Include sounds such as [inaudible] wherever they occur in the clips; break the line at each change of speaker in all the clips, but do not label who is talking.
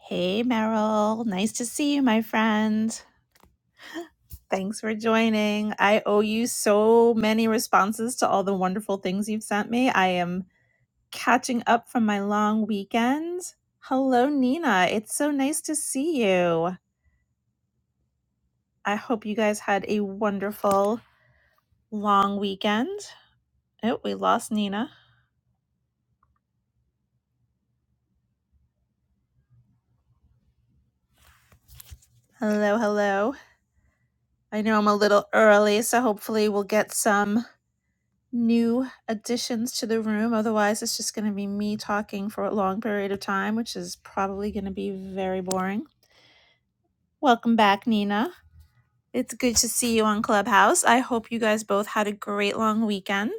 Hey, Meryl. Nice to see you, my friend. Thanks for joining. I owe you so many responses to all the wonderful things you've sent me. I am catching up from my long weekend. Hello, Nina. It's so nice to see you. I hope you guys had a wonderful long weekend. Oh, we lost Nina. Hello, hello. I know I'm a little early, so hopefully we'll get some. new additions to the room. Otherwise, it's just going to be me talking for a long period of time, which is probably going to be very boring. Welcome back, Nina. It's good to see you on Clubhouse. I hope you guys both had a great long weekend.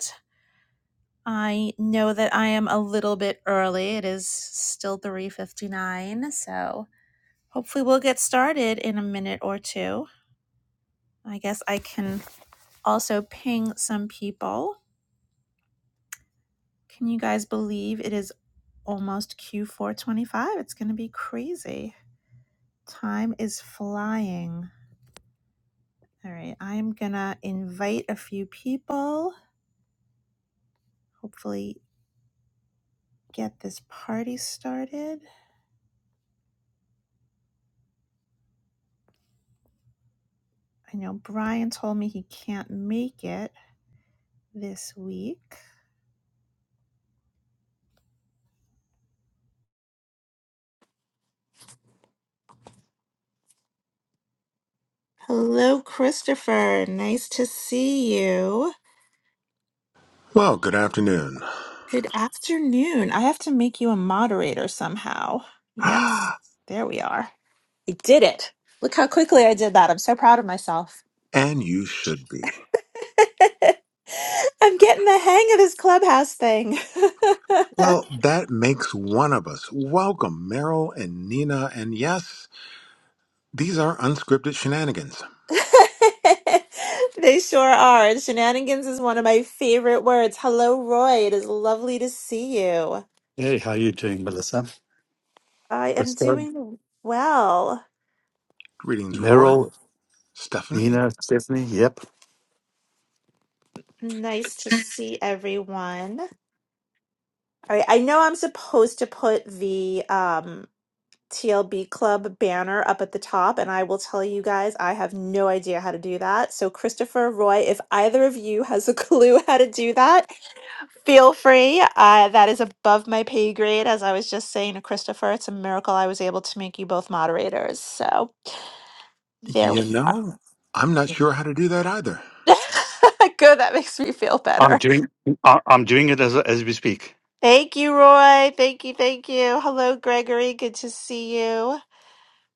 I know that I am a little bit early. It is still 3:59, so hopefully we'll get started in a minute or two. I guess I can also ping some people. Can you guys believe it is almost Q425. It's going to be crazy. Time is flying. All right, I'm going to invite a few people, hopefully, get this party started. I know Brian told me he can't make it this week. Hello, Christopher. Nice to see you.
Well, good afternoon.
Good afternoon. I have to make you a moderator somehow.
[gasps]
Yes, there we are. I did it. Look how quickly I did that. I'm so proud of myself.
And you should be.
[laughs] I'm getting the hang of this clubhouse thing.
Well, that makes one of us. Welcome, Meryl and Nina. And yes, these are unscripted shenanigans.
[laughs] they sure are. And shenanigans is one of my favorite words. Hello, Roy. It is lovely to see you.
Hey, how you doing, Melissa?
I am
Krista,
doing well.
Greetings, Roy,
Meryl,
Stephanie.
Nina, Stephanie. Yep,
Nice to see everyone. All right. I know I'm supposed to put the um TLB Club banner up at the top, and I will tell you guys, I have no idea how to do that. So, Christopher, Roy, if either of you has a [laughs] clue how to do that, feel free. Uh, that is above my pay grade. As I was just saying to Christopher, it's a miracle I was able to make you both moderators. So, there
You
we are.
know, I'm not sure how to do that either.
[laughs] Good, that makes me feel
I'm
better.
doing. I- I'm doing it as as we speak.
Thank you, Roy. Thank you, thank you. Hello, Gregory. Good to see you.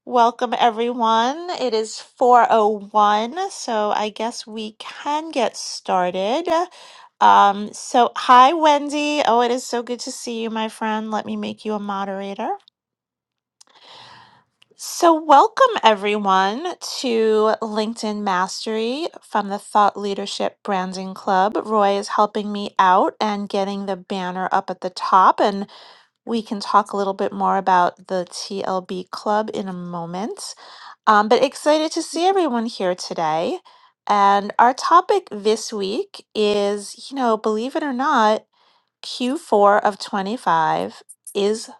Welcome everyone. It is 401, so I guess we can get started. Um so hi Wendy. Oh, it is so good to see you, my friend. Let me make you a moderator. So welcome everyone to LinkedIn Mastery from the Thought Leadership Branding Club. Roy is helping me out and getting the banner up at the top and we can talk a little bit more about the TLB club in a moment. Um, but excited to see everyone here today. And our topic this week is, you know, believe it or not, Q4 of 25 is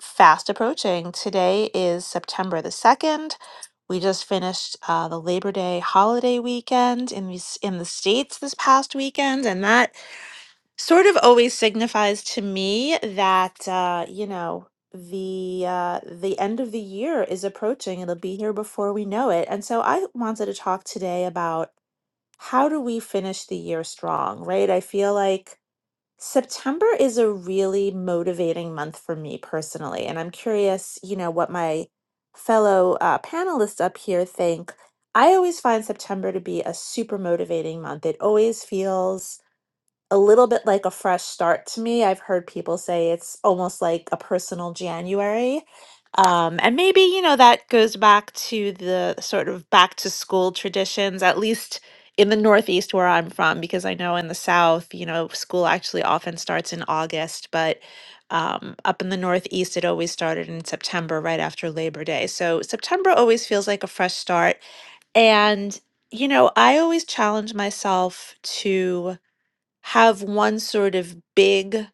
fast approaching. Today is September the 2nd. We just finished uh, the Labor Day holiday weekend in the, s- in the States this past weekend, and that sort of always signifies to me that uh, you know the uh, the end of the year is approaching. It'll be here before we know it. And so I wanted to talk today about how do we finish the year strong, right? I feel like September is a really motivating month for me personally, and I'm curious, you know, what my fellow uh, panelists up here think. I always find September to be a super motivating month. It always feels a little bit like a fresh start to me. I've heard people say it's almost like a personal January. Um, and maybe, you know, that goes back to the sort of back to school traditions, at least in the Northeast where I'm from, because I know in the South, you know, school actually often starts in August, but um, up in the Northeast, it always started in September, right after Labor Day. So September always feels like a fresh start. And, you know, I always challenge myself to have one sort of big,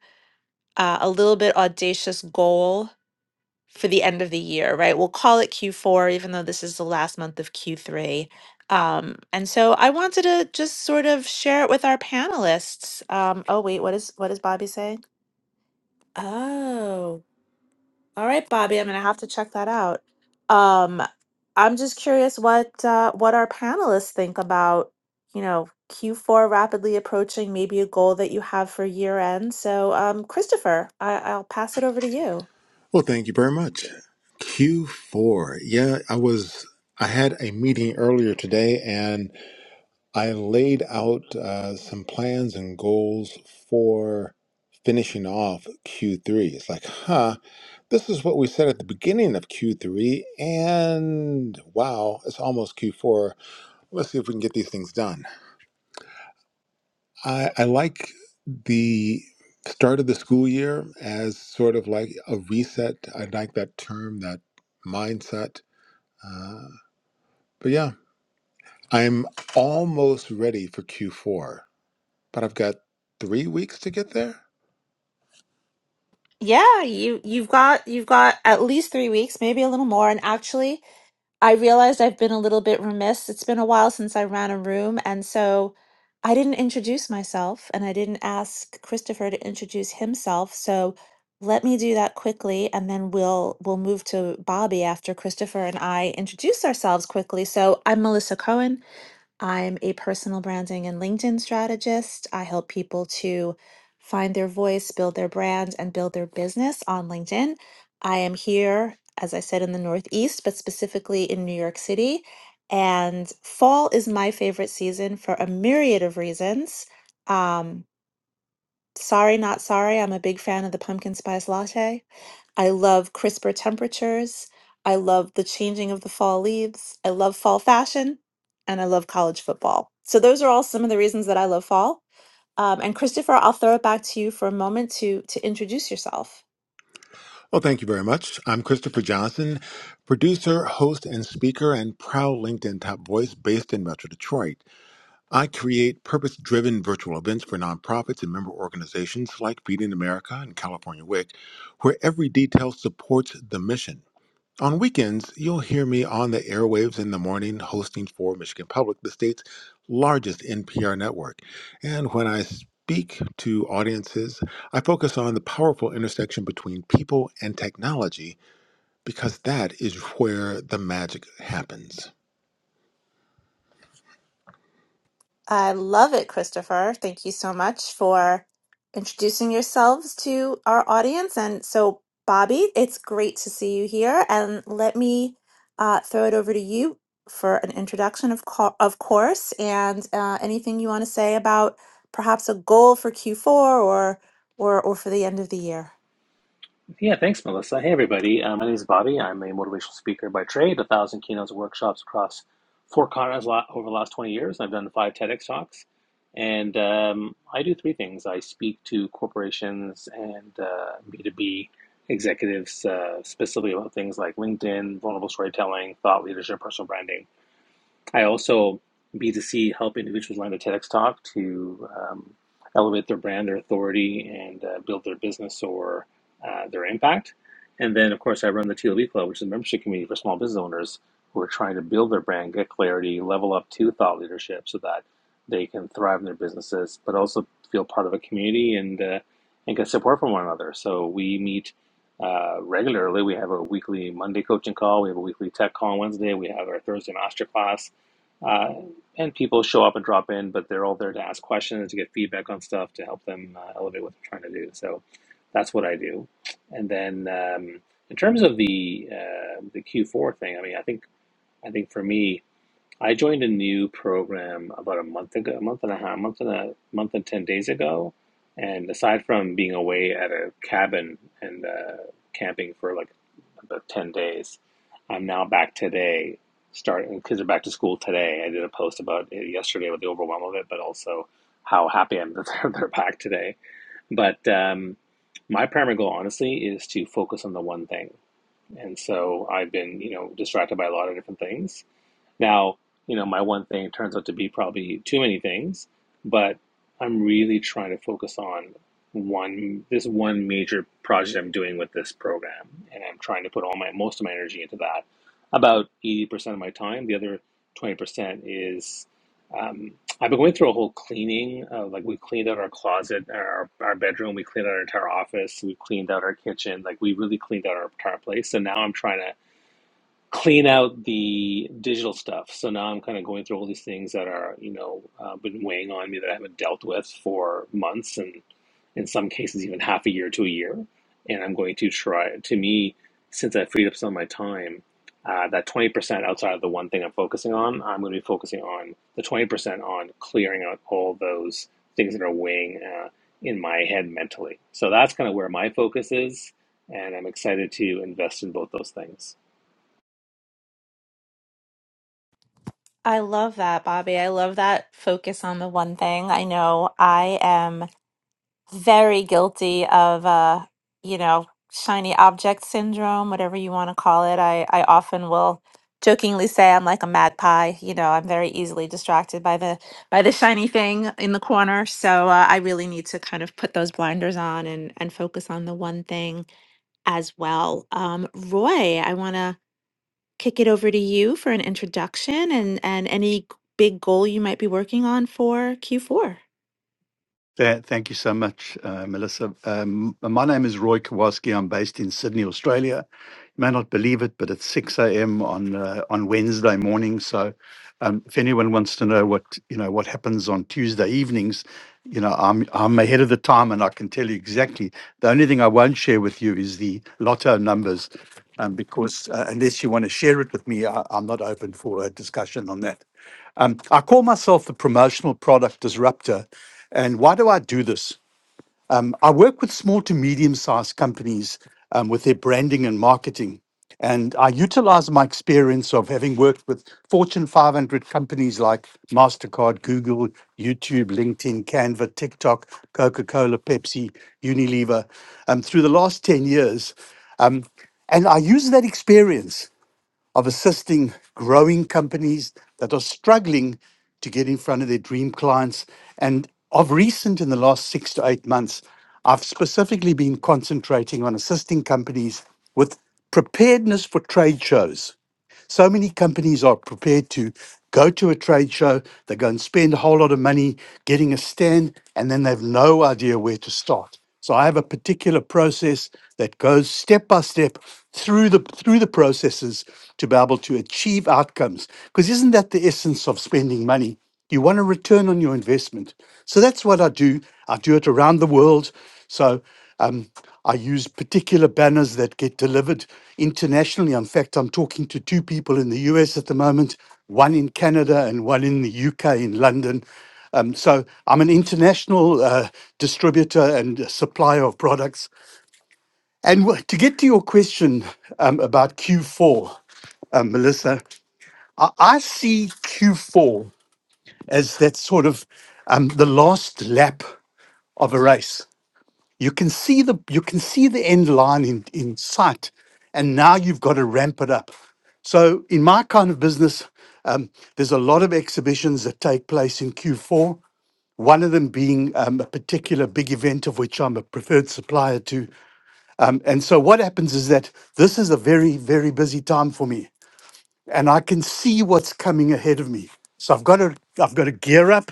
uh, a little bit audacious goal for the end of the year, right? We'll call it Q4, even though this is the last month of Q3. Um, and so I wanted to just sort of share it with our panelists. Um, oh wait, what is what does Bobby say? Oh. All right, Bobby, I'm gonna have to check that out. Um, I'm just curious what uh, what our panelists think about, you know, Q4 rapidly approaching, maybe a goal that you have for year end. So, um, Christopher, I I'll pass it over to you.
Well, thank you very much. Q4. Yeah, I was, I had a meeting earlier today and. I laid out uh, some plans and goals for finishing off Q3. It's like, huh, this is what we said at the beginning of Q3, and wow, it's almost Q4. Let's see if we can get these things done. I, I like the start of the school year as sort of like a reset. I like that term, that mindset. Uh, but yeah, I'm almost ready for Q4. but I've got three weeks to get there.
Yeah, you you've got you've got at least three weeks, maybe a little more. And actually, I realized I've been a little bit remiss. It's been a while since I ran a room, and so I didn't introduce myself and I didn't ask Christopher to introduce himself. So let me do that quickly and then we'll we'll move to Bobby after Christopher and I introduce ourselves quickly. So I'm Melissa Cohen. I'm a personal branding and LinkedIn strategist. I help people to find their voice, build their brand, and build their business on LinkedIn. I am here, as I said, in the Northeast, but specifically in New York City. And fall is my favorite season for a myriad of reasons. Um, sorry, not sorry. I'm a big fan of the pumpkin spice latte. I love crisper temperatures. I love the changing of the fall leaves. I love fall fashion and I love college football. So those are all some of the reasons that I love fall. Um, and Christopher, I'll throw it back to you for a moment to to introduce yourself.
Well, thank you very much. I'm Christopher Johnson, producer, host, and speaker, and proud LinkedIn top voice based in Metro Detroit. I create purpose driven virtual events for nonprofits and member organizations like Feeding America and California WIC, where every detail supports the mission. On weekends, you'll hear me on the airwaves in the morning hosting for Michigan Public, the state's largest NPR network. And when I speak to audiences, I focus on the powerful intersection between people and technology because that is where the magic happens.
I love it, Christopher. Thank you so much for introducing yourselves to our audience. And so, Bobby, it's great to see you here. And let me uh, throw it over to you for an introduction, of, co- of course, and uh, anything you want to say about perhaps a goal for Q4 or or or for the end of the year.
Yeah, thanks, Melissa. Hey, everybody. Uh, my name is Bobby. I'm a motivational speaker by trade, a thousand keynotes and workshops across four continents lo- over the last 20 years. I've done five TEDx talks. And um, I do three things I speak to corporations and uh, B2B executives, uh, specifically about things like LinkedIn, vulnerable storytelling, thought leadership, personal branding. I also B2C help individuals land a TEDx talk to um, elevate their brand, their authority, and uh, build their business or uh, their impact. And then, of course, I run the TLB Club, which is a membership community for small business owners who are trying to build their brand, get clarity, level up to thought leadership so that they can thrive in their businesses, but also feel part of a community and uh, and get support from one another. So we meet uh, regularly. We have a weekly Monday coaching call. We have a weekly tech call on Wednesday. We have our Thursday masterclass uh, and people show up and drop in, but they're all there to ask questions, to get feedback on stuff, to help them uh, elevate what they're trying to do. So that's what I do. And then um, in terms of the uh, the Q4 thing, I mean, I think I think for me, I joined a new program about a month ago, a month and a half, a month and a month and 10 days ago. And aside from being away at a cabin and uh, camping for like about 10 days, I'm now back today, starting kids are back to school today. I did a post about it yesterday with the overwhelm of it, but also how happy I'm [laughs] that they're, they're back today. But um, my primary goal, honestly, is to focus on the one thing. And so I've been, you know, distracted by a lot of different things now, you know, my one thing turns out to be probably too many things, but I'm really trying to focus on one this one major project I'm doing with this program, and I'm trying to put all my most of my energy into that. About 80% of my time, the other 20% is um, I've been going through a whole cleaning. Of, like we cleaned out our closet, our our bedroom, we cleaned out our entire office, we cleaned out our kitchen. Like we really cleaned out our entire place. So now I'm trying to clean out the digital stuff. So now I'm kind of going through all these things that are, you know, uh, been weighing on me that I haven't dealt with for months and in some cases even half a year to a year. And I'm going to try, to me, since I freed up some of my time, uh, that 20% outside of the one thing I'm focusing on, I'm going to be focusing on the 20% on clearing out all those things that are weighing uh, in my head mentally. So that's kind of where my focus is. And I'm excited to invest in both those things.
I love that, Bobby. I love that focus on the one thing. I know I am. very guilty of uh you know shiny object syndrome whatever you want to call it i i often will jokingly say i'm like a magpie you know i'm very easily distracted by the by the shiny thing in the corner so uh, i really need to kind of put those blinders on and and focus on the one thing as well um roy i want to kick it over to you for an introduction and, and any g- big goal you might be working on for Q4.
Th- Thank you so much, uh, Melissa. Um, my name is Roy Kowalski. I'm based in Sydney, Australia. You may not believe it, but it's 6 a.m. on uh, on Wednesday morning. So, um, if anyone wants to know what you know what happens on Tuesday evenings, you know I'm I'm ahead of the time, and I can tell you exactly. The only thing I won't share with you is the lotto numbers, um, because uh, unless you want to share it with me, I, I'm not open for a discussion on that. Um, I call myself the promotional product disruptor. And why do I do this? Um, I work with small to medium sized companies um, with their branding and marketing. And I utilize my experience of having worked with Fortune 500 companies like MasterCard, Google, YouTube, LinkedIn, Canva, TikTok, Coca Cola, Pepsi, Unilever um, through the last 10 years. Um, and I use that experience of assisting growing companies that are struggling to get in front of their dream clients. And of recent, in the last six to eight months, I've specifically been concentrating on assisting companies with preparedness for trade shows so many companies are prepared to go to a trade show, they go and spend a whole lot of money getting a stand, and then they have no idea where to start. So I have a particular process that goes step by step through the through the processes to be able to achieve outcomes. Because isn't that the essence of spending money? You want a return on your investment. So that's what I do. I do it around the world. So um, I use particular banners that get delivered internationally. In fact, I'm talking to two people in the US at the moment, one in Canada and one in the UK in London. Um, so I'm an international uh, distributor and supplier of products. And w- to get to your question um, about Q4, um, Melissa, I, I see Q4 as that sort of um, the last lap of a race. You can see the you can see the end line in, in sight, and now you've got to ramp it up. So in my kind of business, um, there's a lot of exhibitions that take place in Q4. One of them being um, a particular big event of which I'm a preferred supplier to. Um, and so what happens is that this is a very very busy time for me and I can see what's coming ahead of me. So I've got to I've got to gear up.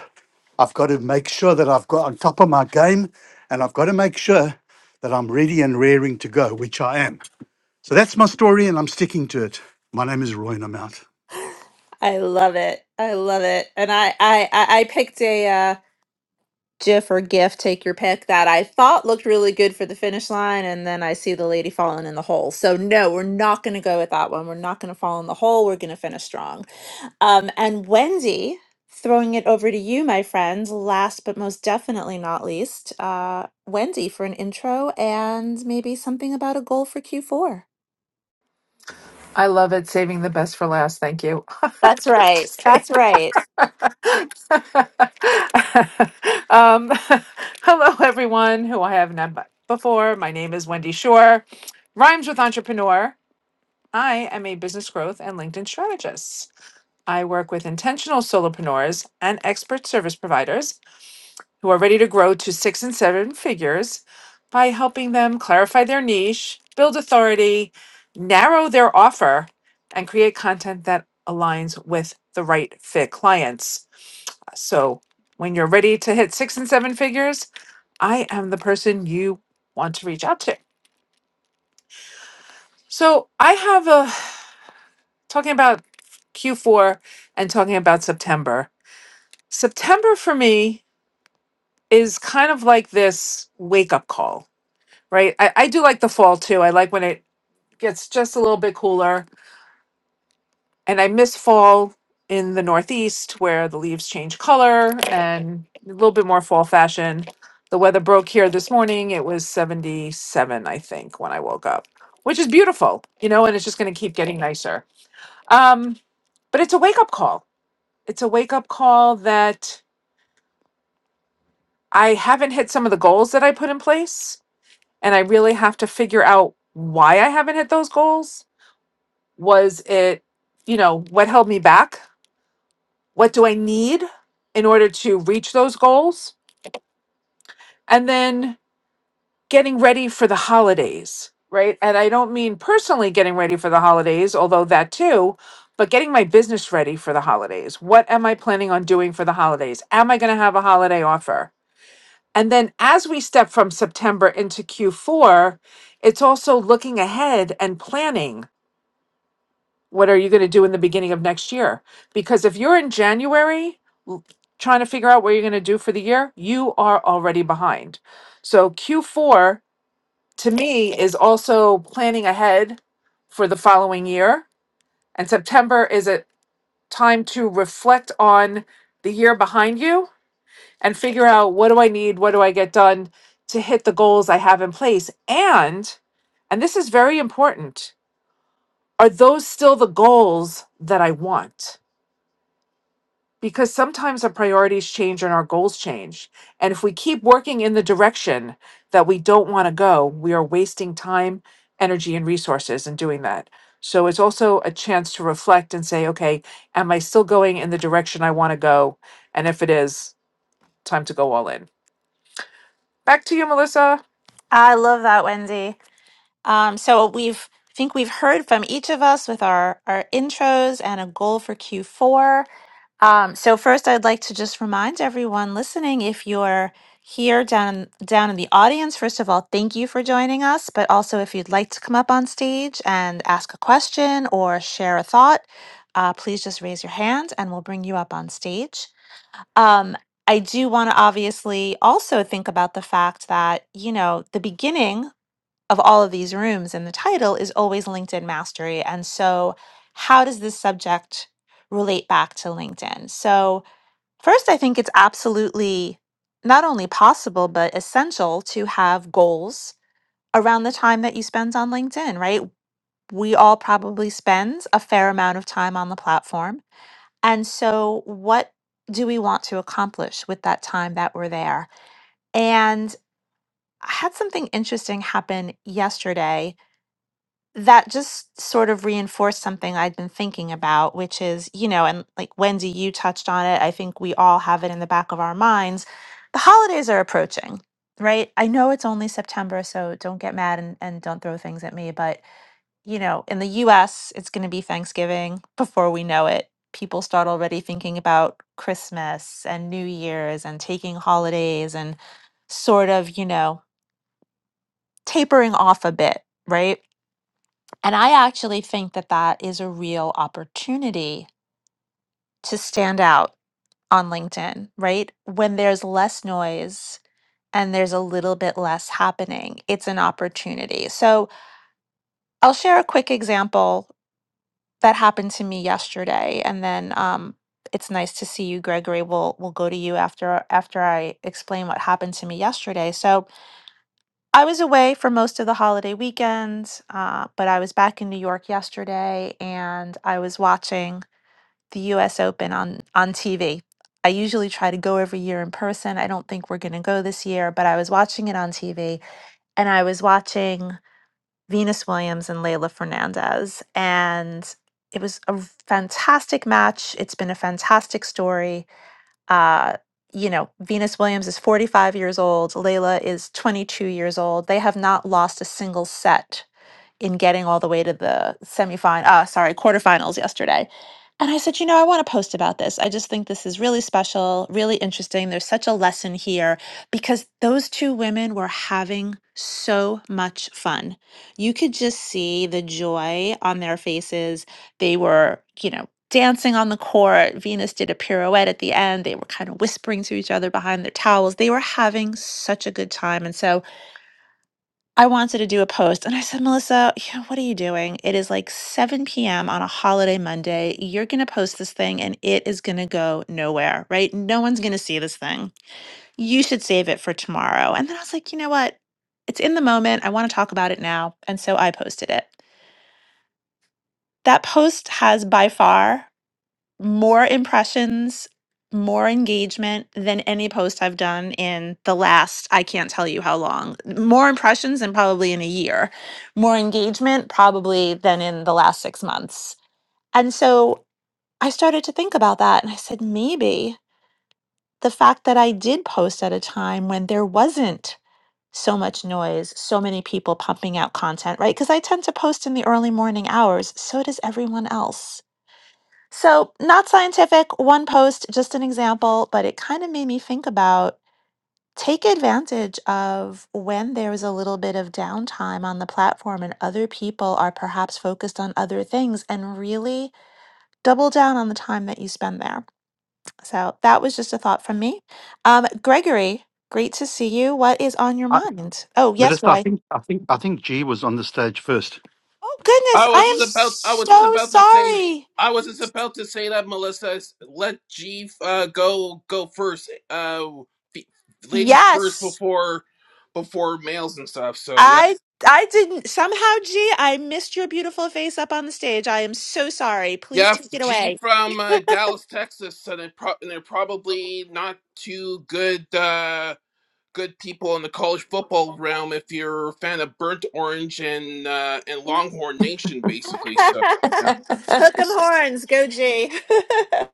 I've got to make sure that I've got on top of my game and I've got to make sure that I'm ready and raring to go, which I am. So that's my story and I'm sticking to it. My name is Roy and I'm out.
I love it. I love it. And I I I I picked a uh GIF or GIF, take your pick, that I thought looked really good for the finish line, and then I see the lady falling in the hole. So no, we're not going to go with that one. We're not going to fall in the hole. We're going to finish strong. Um, and Wendy, throwing it over to you, my friend. Last but most definitely not least, uh, Wendy for an intro and maybe something about a goal for Q4.
I love it. Saving the best for last. Thank you.
That's
[laughs]
right.
Just kidding.
That's right.
[laughs] um, [laughs] hello, everyone who I have not met before. My name is Wendy Shore. Rhymes with entrepreneur. I am a business growth and LinkedIn strategist. I work with intentional solopreneurs and expert service providers who are ready to grow to six and seven figures by helping them clarify their niche, build authority, narrow their offer, and create content that aligns with the right fit clients. So, when you're ready to hit six and seven figures, I am the person you want to reach out to. So, I have a talking about Q4 and talking about September. September for me is kind of like this wake up call right? I, I do like the fall too. I like when it gets just a little bit cooler. And I miss fall in the Northeast where the leaves change color and a little bit more fall fashion. The weather broke here this morning. It was 77, I think, when I woke up, which is beautiful, you know, and it's just going to keep getting nicer. Um, but it's a wake up call. It's a wake up call that I haven't hit some of the goals that I put in place. And I really have to figure out why I haven't hit those goals was it you know what held me back what do i need in order to reach those goals and then getting ready for the holidays right and i don't mean personally getting ready for the holidays although that too but getting my business ready for the holidays what am i planning on doing for the holidays am i going to have a holiday offer and then as we step from september into q4 it's also looking ahead and planning what are you going to do in the beginning of next year? Because if you're in January l- trying to figure out what you're going to do for the year, you are already behind. So Q4 to me is also planning ahead for the following year. And September is a time to reflect on the year behind you and figure out what do I need? What do I get done to hit the goals I have in place? And, and this is very important, are those still the goals that I want? because sometimes our priorities change and our goals change. And if we keep working in the direction that we don't want to go, we are wasting time, energy, and resources in doing that. So it's also a chance to reflect and say, okay, am I still going in the direction I want to go? And if it is, time to go all in. Back to you, Melissa.
I love that, Wendy. Um, so we've, I think we've heard from each of us with our, our intros and a goal for Q4. Um, so first, I'd like to just remind everyone listening, if you're here down down in the audience, first of all, thank you for joining us. But also, if you'd like to come up on stage and ask a question or share a thought, uh, please just raise your hand and we'll bring you up on stage. Um, I do want to obviously also think about the fact that, you know, the beginning of all of these rooms in the title is always LinkedIn mastery. And so, how does this subject relate back to LinkedIn? So, first, I think it's absolutely not only possible, but essential to have goals around the time that you spend on LinkedIn, right? We all probably spend a fair amount of time on the platform. And so, what do we want to accomplish with that time that we're there? And I had something interesting happen yesterday that just sort of reinforced something I'd been thinking about, which is, you know, and like Wendy, you touched on it. I think we all have it in the back of our minds. The holidays are approaching, right? I know it's only September, so don't get mad and, and don't throw things at me. But, you know, in the US, it's going to be Thanksgiving before we know it. People start already thinking about Christmas and New Year's and taking holidays and sort of, you know, tapering off a bit, right? And I actually think that that is a real opportunity to stand out on LinkedIn, right? When there's less noise and there's a little bit less happening, it's an opportunity. So I'll share a quick example that happened to me yesterday, and then um, it's nice to see you, Gregory. We'll we'll go to you after after I explain what happened to me yesterday. So I was away for most of the holiday weekend, uh, but I was back in New York yesterday, and I was watching the US Open on on TV. I usually try to go every year in person. I don't think we're going to go this year, but I was watching it on TV and I was watching Venus Williams and Leila Fernandez and it was a fantastic match. It's been a fantastic story uh, you know, Venus Williams is 45 years old, Layla is 22 years old. They have not lost a single set in getting all the way to the semifinal, uh, sorry, quarterfinals yesterday. And I said, you know, I want to post about this. I just think this is really special, really interesting. There's such a lesson here because those two women were having so much fun. You could just see the joy on their faces they were, you know, dancing on the court. Venus did a pirouette at the end. They were kind of whispering to each other behind their towels. They were having such a good time. And so I wanted to do a post. And I said, Melissa, you know, what are you doing? It is like 7 p.m. on a holiday Monday. You're going to post this thing and it is going to go nowhere, right? No one's going to see this thing. You should save it for tomorrow. And then I was like, you know what? It's in the moment. I want to talk about it now. And so I posted it. That post has by far more impressions, more engagement than any post I've done in the last, I can't tell you how long. More impressions than probably in a year, more engagement probably than in the last six months. And so I started to think about that and I said, maybe the fact that I did post at a time when there wasn't so much noise, so many people pumping out content, right? Because I tend to post in the early morning hours. So does everyone else. So, not scientific, one post, just an example, but it kind of made me think about take advantage of when there's a little bit of downtime on the platform and other people are perhaps focused on other things and really double down on the time that you spend there. So, that was just a thought from me. Um, Gregory, great to see you. What is on your
I,
mind? Oh, yes,
Melissa, I
Roy.
think I think I think G was on the stage first.
Oh,
I
goodness. I
was just
am
about I was just
so
about to say
sorry.
I was just about to say that Melissa s- let G uh, go go first. Uh f- ladies first
Yes.
before before males and stuff. So yeah.
I I didn't somehow, G, I missed your beautiful face up on the stage. I am so sorry. Please
Yeah,
take it
G
away.
from uh, Dallas, Texas, and, it pro- and they're probably not too good uh, good people in the college football realm if you're a fan of Burnt Orange and uh, and Longhorn Nation, basically.
[laughs]
So, yeah.
Hook 'em
Amen.
horns, go G.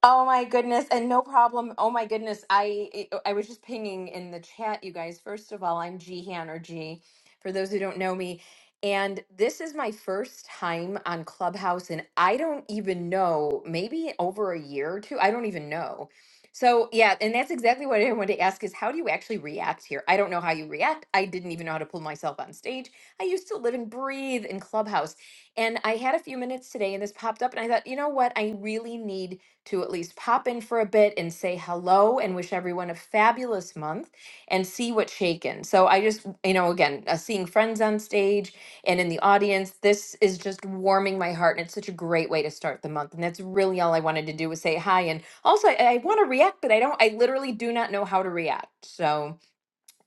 Oh my goodness, and no problem. Oh my goodness, I it- I was just pinging in the chat, you guys. First of all, I'm Gihan or G, for those who don't know me, and this is my first time on Clubhouse, and I don't even know, maybe over a year or two. I don't even know. So yeah, and that's exactly what I wanted to ask: is how do you actually react here? I don't know how you react. I didn't even know how to pull myself on stage. I used to live and breathe in Clubhouse, and I had a few minutes today, and this popped up, and I thought, you know what? I really need to at least pop in for a bit and say hello and wish everyone a fabulous month and see what's shaken. So I just, you know, again, uh, seeing friends on stage and in the audience, this is just warming my heart. And it's such a great way to start the month. And that's really all I wanted to do was say hi. And also, I, I want to react, but I don't, I literally do not know how to react. So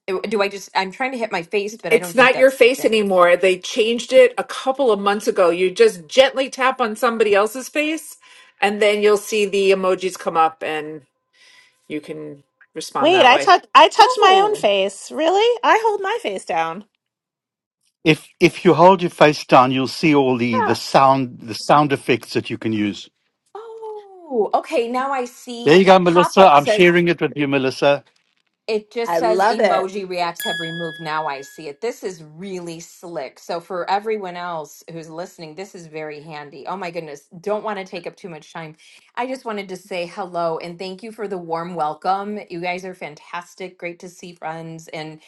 uh, do I just, I'm trying to hit my face, but I don't
It's
think
not your
that's the
face
thing.
anymore. They changed it a couple of months ago. You just gently tap on somebody else's face and then you'll see the emojis come up and. you can
[laughs]
respond
Wait,
that
I
way.
touch I touch my own
Oh,
face. Really? I hold my face down.
If if you hold your face down, you'll see all the the
Yeah.
sound the sound effects that you can use.
oh, okay. Now I
There
see
you go,
a pop
Melissa.
up
I'm
says,
sharing it with you, Melissa.
It just
I
says
love it.
emoji reacts have removed. Now I see it. This is really slick. So, for everyone else who's listening, this is very handy. Oh my goodness. Don't want to take up too much time. I just wanted to say hello and thank you for the warm welcome. You guys are fantastic. Great to see friends. And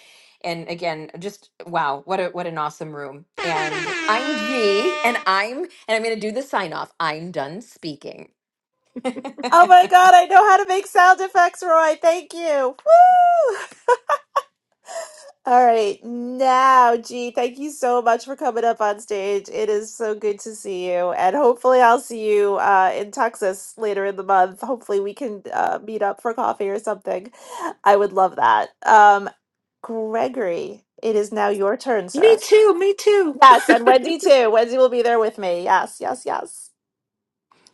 and again, just wow, what a what an awesome room. And I'm G and I'm and I'm gonna do the sign off. I'm done speaking.
Oh
[laughs]
my god, I know how to make sound effects, Roy. Thank you. Woo! All right, now, G, thank you so much for coming up on stage. It is so good to see you, and hopefully, I'll see you uh, in Texas later in the month. Hopefully, we can uh, meet up for coffee or something. I would love that. Um, Gregory, it is now your turn,
Me
sir.
too. Me too. [laughs]
Yes, and Wendy too. Wendy will be there with me. Yes, yes, yes.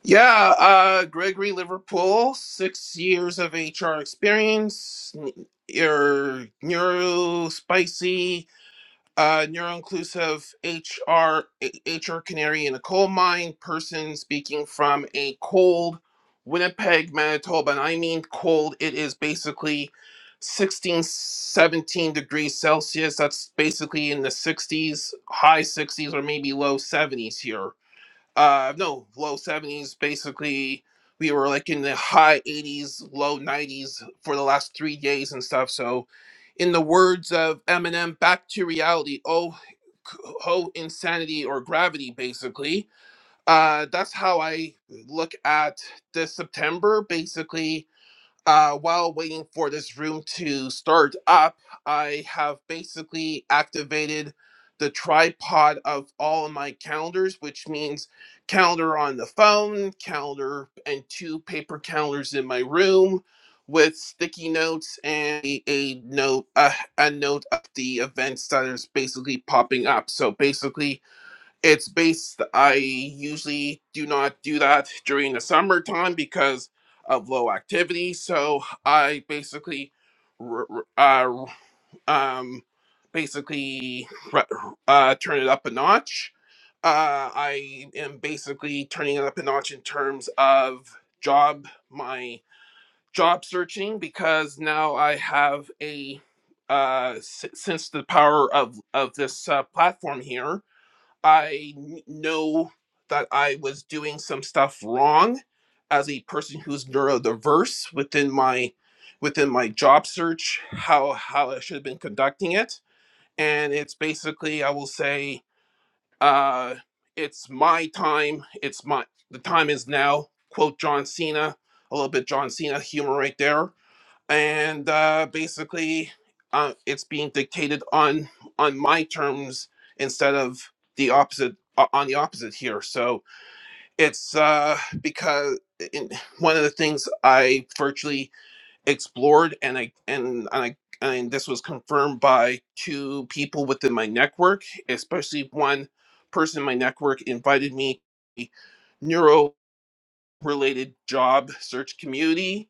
Yeah, uh, Gregory Liverpool, six years of HR experience, n- your neuro spicy, uh, neuro inclusive HR, HR canary in a coal mine person speaking from a cold Winnipeg, Manitoba. And I mean cold, it is basically 16, 17 degrees Celsius. That's basically in the 60s, high 60s, or maybe low 70s here uh no low 70s basically we were like in the high 80s low 90s for the last three days and stuff so in the words of eminem back to reality oh c- oh insanity or gravity basically uh that's how i look at this september basically uh, while waiting for this room to start up, I have basically activated the tripod of all of my calendars, which means calendar on the phone, calendar, and two paper calendars in my room with sticky notes and a, a note uh, a note of the events that is basically popping up. So basically it's based, I usually do not do that during the summertime because of low activity. So I basically, r- r- uh, um, basically r- uh, turn it up a notch. Uh, I am basically turning it up a notch in terms of job, my job searching because now I have a uh, s- since the power of of this uh, platform here. I kn- know that I was doing some stuff wrong as a person who's neurodiverse within my within my job search, how how I should have been conducting it. And it's basically I will say, uh, it's my time, it's my the time is now, quote John Cena, a little bit John Cena humor right there and uh, basically uh, it's being dictated on on my terms instead of the opposite uh, on the opposite here so it's uh because in, one of the things i virtually explored and i and, and i and this was confirmed by two people within my network especially one person in my network invited me to a neuro related job search community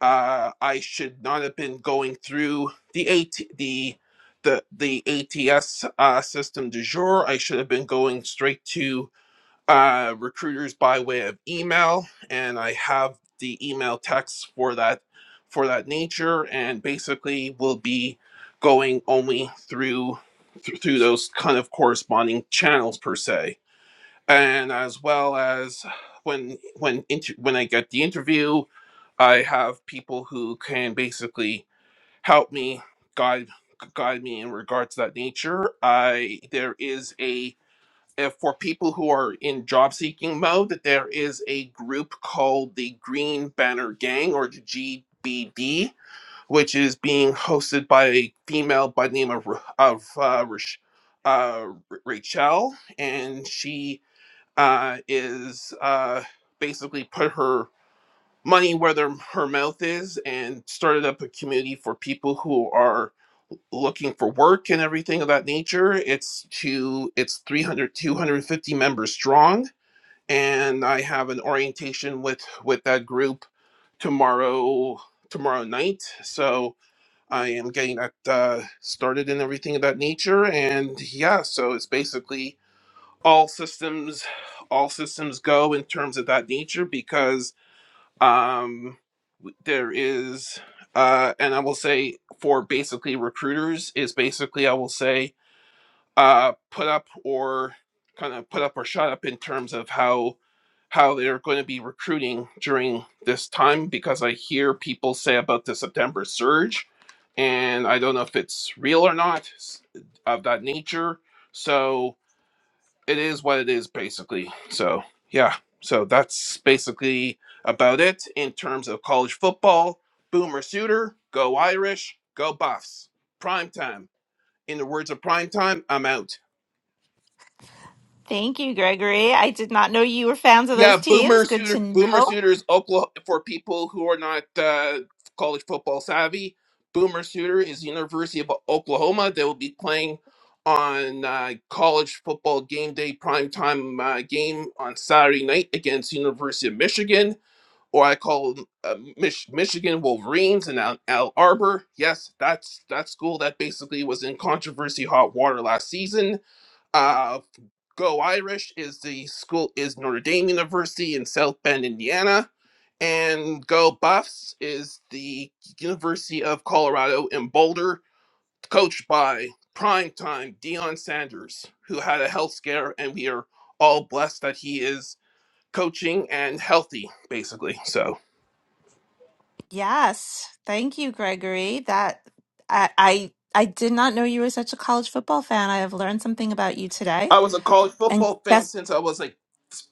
uh, I should not have been going through the AT, the the the ATS uh, system du jour. I should have been going straight to uh, recruiters by way of email, and I have the email text for that for that nature, and basically will be going only through thr- through those kind of corresponding channels per se, and as well as when when inter- when I get the interview I have people who can basically help me guide guide me in regards to that nature. I there is a if for people who are in job seeking mode, there is a group called the Green Banner Gang or the GBD, which is being hosted by a female by the name of Ra- of uh, Rach- uh, Ra- Rachel, and she uh, is uh, basically put her money where their, her mouth is and started up a community for people who are looking for work and everything of that nature it's to it's 300, 250 members strong and i have an orientation with with that group tomorrow tomorrow night so i am getting that uh, started and everything of that nature and yeah so it's basically all systems all systems go in terms of that nature because um there is uh and i will say for basically recruiters is basically i will say uh put up or kind of put up or shut up in terms of how how they're going to be recruiting during this time because i hear people say about the september surge and i don't know if it's real or not s- of that nature so it is what it is basically so yeah so that's basically about it in terms of college football boomer suitor go irish go buffs prime time in the words of prime time i'm out
Thank you, Gregory. I did not know you were fans of
yeah
those teams.
boomer
Good
suitor
to
boomer
know.
suitor is oklahoma for people who are not uh, college football savvy boomer suitor is the university of oklahoma they will be playing on uh, college football game day prime time uh, game on saturday night against university of michigan or I call them uh, Mich- Michigan Wolverines in Al-, Al Arbor. Yes, that's that school that basically was in controversy hot water last season. Uh, Go Irish is the school is Notre Dame University in South Bend, Indiana, and Go Buffs is the University of Colorado in Boulder, coached by primetime Dion Sanders, who had a health scare, and we are all blessed that he is coaching and healthy, basically. So.
Yes. Thank you, Gregory. That I I, I did not know you were such a college football fan. I have learned something about you today.
I was a college
And
football fan
guess
since I was like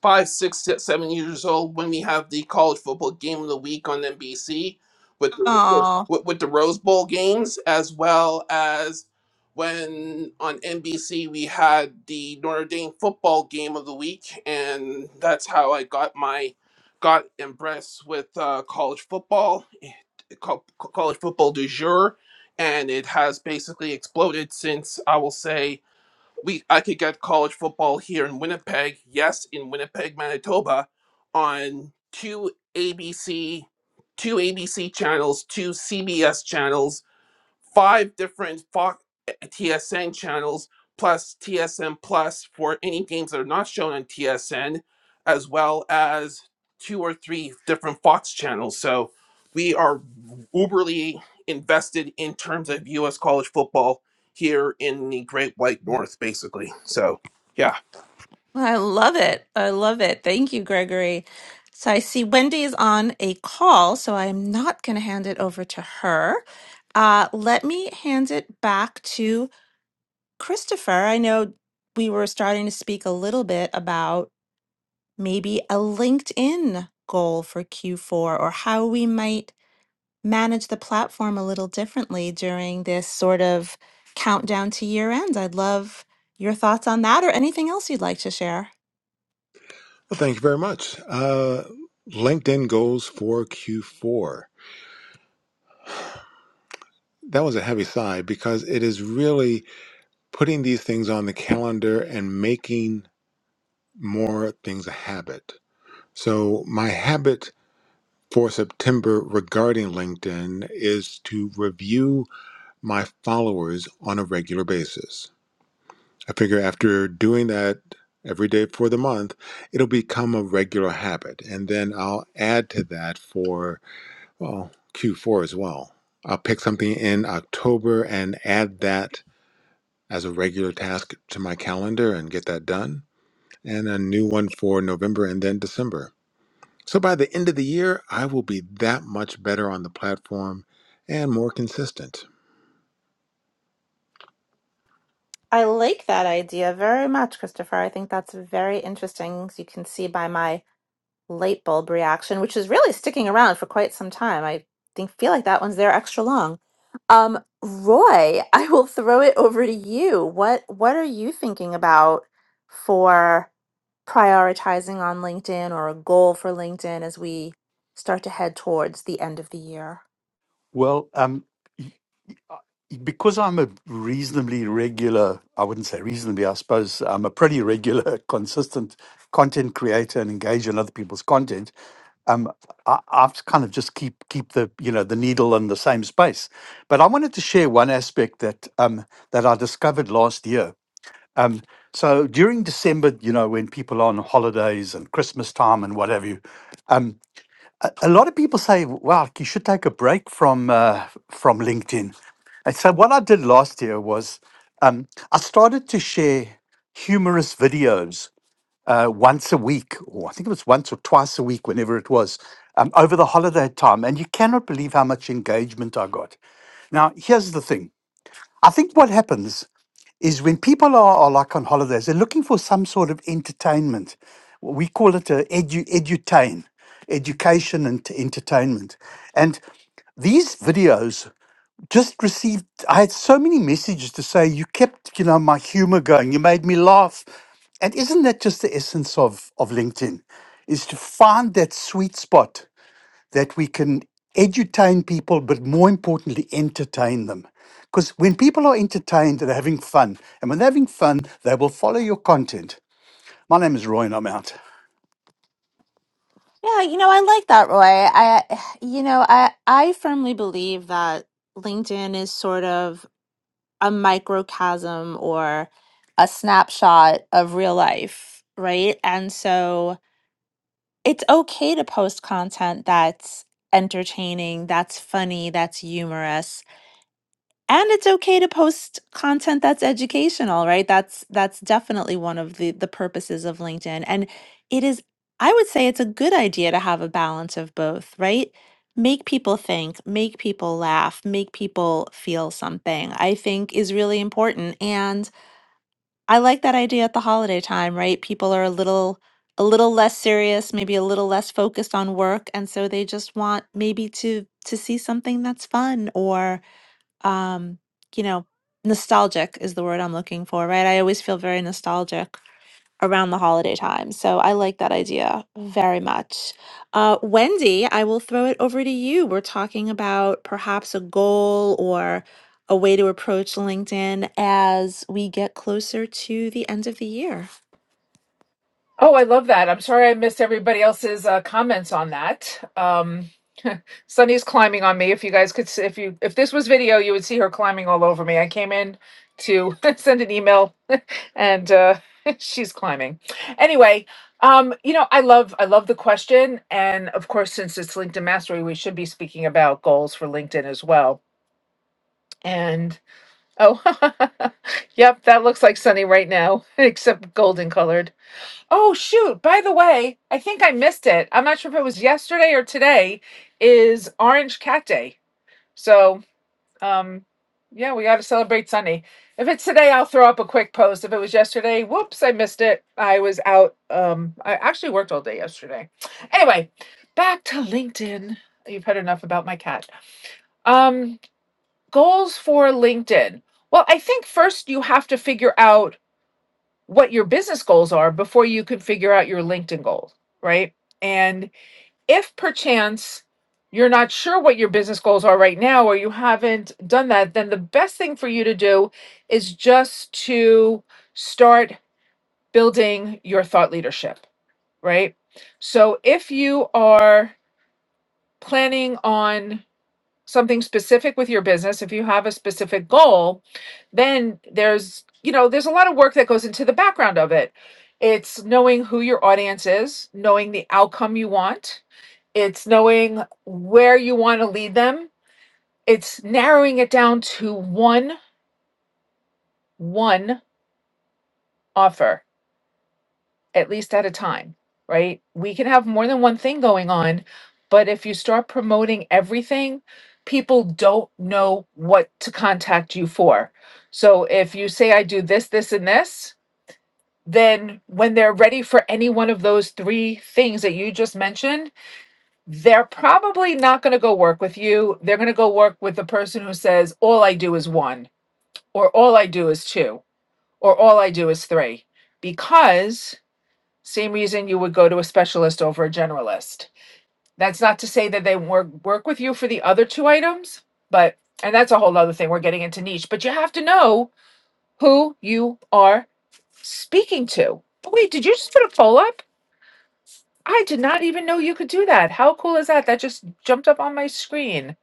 five, six, se- seven years old when we have the college football game of the week on NBC with the, with,
oh.
with with the Rose Bowl games, as well as when on NBC we had the Notre Dame football game of the week, and that's how I got my got impressed with uh, college football, eh, co- co- college football du jour, and it has basically exploded since I will say we I could get college football here in Winnipeg, yes, in Winnipeg, Manitoba, on two ABC, two ABC channels, two CBS channels, five different Fox TSN channels plus TSN Plus for any games that are not shown on TSN, as well as two or three different Fox channels. So we are uberly invested in terms of U.S. college football here in the Great White North, basically. So yeah,
I love it. I love it. Thank you, Gregory. So I see Wendy is on a call, so I'm not going to hand it over to her. Uh, let me hand it back to Christopher. I know we were starting to speak a little bit about maybe a LinkedIn goal for Q4 or how we might manage the platform a little differently during this sort of countdown to year end. I'd love your thoughts on that or anything else you'd like to share.
Well, thank you very much. Uh, LinkedIn goals for Q4. That was a heavy sigh because it is really putting these things on the calendar and making more things a habit So, my habit for September regarding LinkedIn is to review my followers on a regular basis. I figure after doing that every day for the month, it'll become a regular habit. And then I'll add to that for well, Q4 as well. I'll pick something in October and add that as a regular task to my calendar and get that done, and a new one for November and then December. So by the end of the year, I will be that much better on the platform and more consistent.
I like that idea very much, Christopher. I think that's very interesting. As you can see by my light bulb reaction, which is really sticking around for quite some time. I think feel like that one's there extra long. Um, Roy, [laughs] I will throw it over to you. What what are you thinking about for prioritizing on LinkedIn or a goal for LinkedIn as we start to head towards the end of the year?
Well, um, because I'm a reasonably regular, I wouldn't say reasonably, I suppose I'm a pretty regular, [laughs] consistent content creator and engage in other people's content. Um, I, I've kind of just keep keep the you know the needle in the same space. But I wanted to share one aspect that um, that I discovered last year. So during December, you know, when people are on holidays and Christmas time and whatever, a lot of people say, "Wow, you should take a break from uh, from LinkedIn." And so, what I did last year was um, I started to share humorous videos uh, once a week, or I think it was once or twice a week, whenever it was, um, over the holiday time. And you cannot believe how much engagement I got. Now, here's the thing: I think what happens is when people are, are like on holidays, they're looking for some sort of entertainment. We call it a edu, edutain, education and t- entertainment. And these videos just received, I had so many messages to say, you kept, you know, my humor going, you made me laugh. And isn't that just the essence of, of LinkedIn? Is to find that sweet spot that we can edutain people, but more importantly, entertain them. Because when people are entertained, they're having fun. And when they're having fun, they will follow your content. My name is Roy, and I'm out.
Yeah, you know, I like that, Roy. I, you know, I I firmly believe that LinkedIn is sort of a microcosm or a snapshot of real life, right? And so it's okay to post content that's entertaining, that's funny, that's humorous and it's okay to post content that's educational right that's that's definitely one of the the purposes of linkedin and it is i would say it's a good idea to have a balance of both right make people think make people laugh make people feel something i think is really important and i like that idea at the holiday time right people are a little a little less serious maybe a little less focused on work and so they just want maybe to to see something that's fun or um, you know, nostalgic is the word I'm looking for, right? I always feel very nostalgic around the holiday time. So I like that idea very much. Uh, Wendy, I will throw it over to you. We're talking about perhaps a goal or a way to approach LinkedIn as we get closer to the end of the year.
Oh, I love that. I'm sorry I missed everybody else's uh, comments on that. Um, Sunny's climbing on me. If you guys could, see, if you if this was video, you would see her climbing all over me. I came in to [laughs] send an email, [laughs] and uh, [laughs] she's climbing. Anyway, um, you know, I love I love the question, and of course, since it's LinkedIn Mastery, we should be speaking about goals for LinkedIn as well. and. Oh, [laughs] yep, that looks like sunny right now, [laughs] except golden colored. Oh, shoot. By the way, I think I missed it. I'm not sure if it was yesterday or today is Orange Cat Day. So, um, yeah, we got to celebrate Sunny. If it's today, I'll throw up a quick post. If it was yesterday, whoops, I missed it. I was out. Um, I actually worked all day yesterday. Anyway, back to LinkedIn. You've heard enough about my cat. Um, goals for LinkedIn. Well, I think first you have to figure out what your business goals are before you could figure out your LinkedIn goals, right? And if perchance you're not sure what your business goals are right now or you haven't done that, then the best thing for you to do is just to start building your thought leadership, right? So if you are planning on something specific with your business, if you have a specific goal, then there's, you know, there's a lot of work that goes into the background of it. It's knowing who your audience is, knowing the outcome you want, it's knowing where you want to lead them, it's narrowing it down to one one offer at least at a time, right? We can have more than one thing going on, but if you start promoting everything, people don't know what to contact you for. So if you say, I do this, this, and this, then when they're ready for any one of those three things that you just mentioned, they're probably not going to go work with you. They're going to go work with the person who says, All I do is one, or All I do is two, or All I do is three, because same reason you would go to a specialist over a generalist. That's not to say that they work work with you for the other two items, but and that's a whole other thing. We're getting into niche, but you have to know who you are speaking to. Oh, Wait, did you just put a poll up? I did not even know you could do that. How cool is that? That just jumped up on my screen.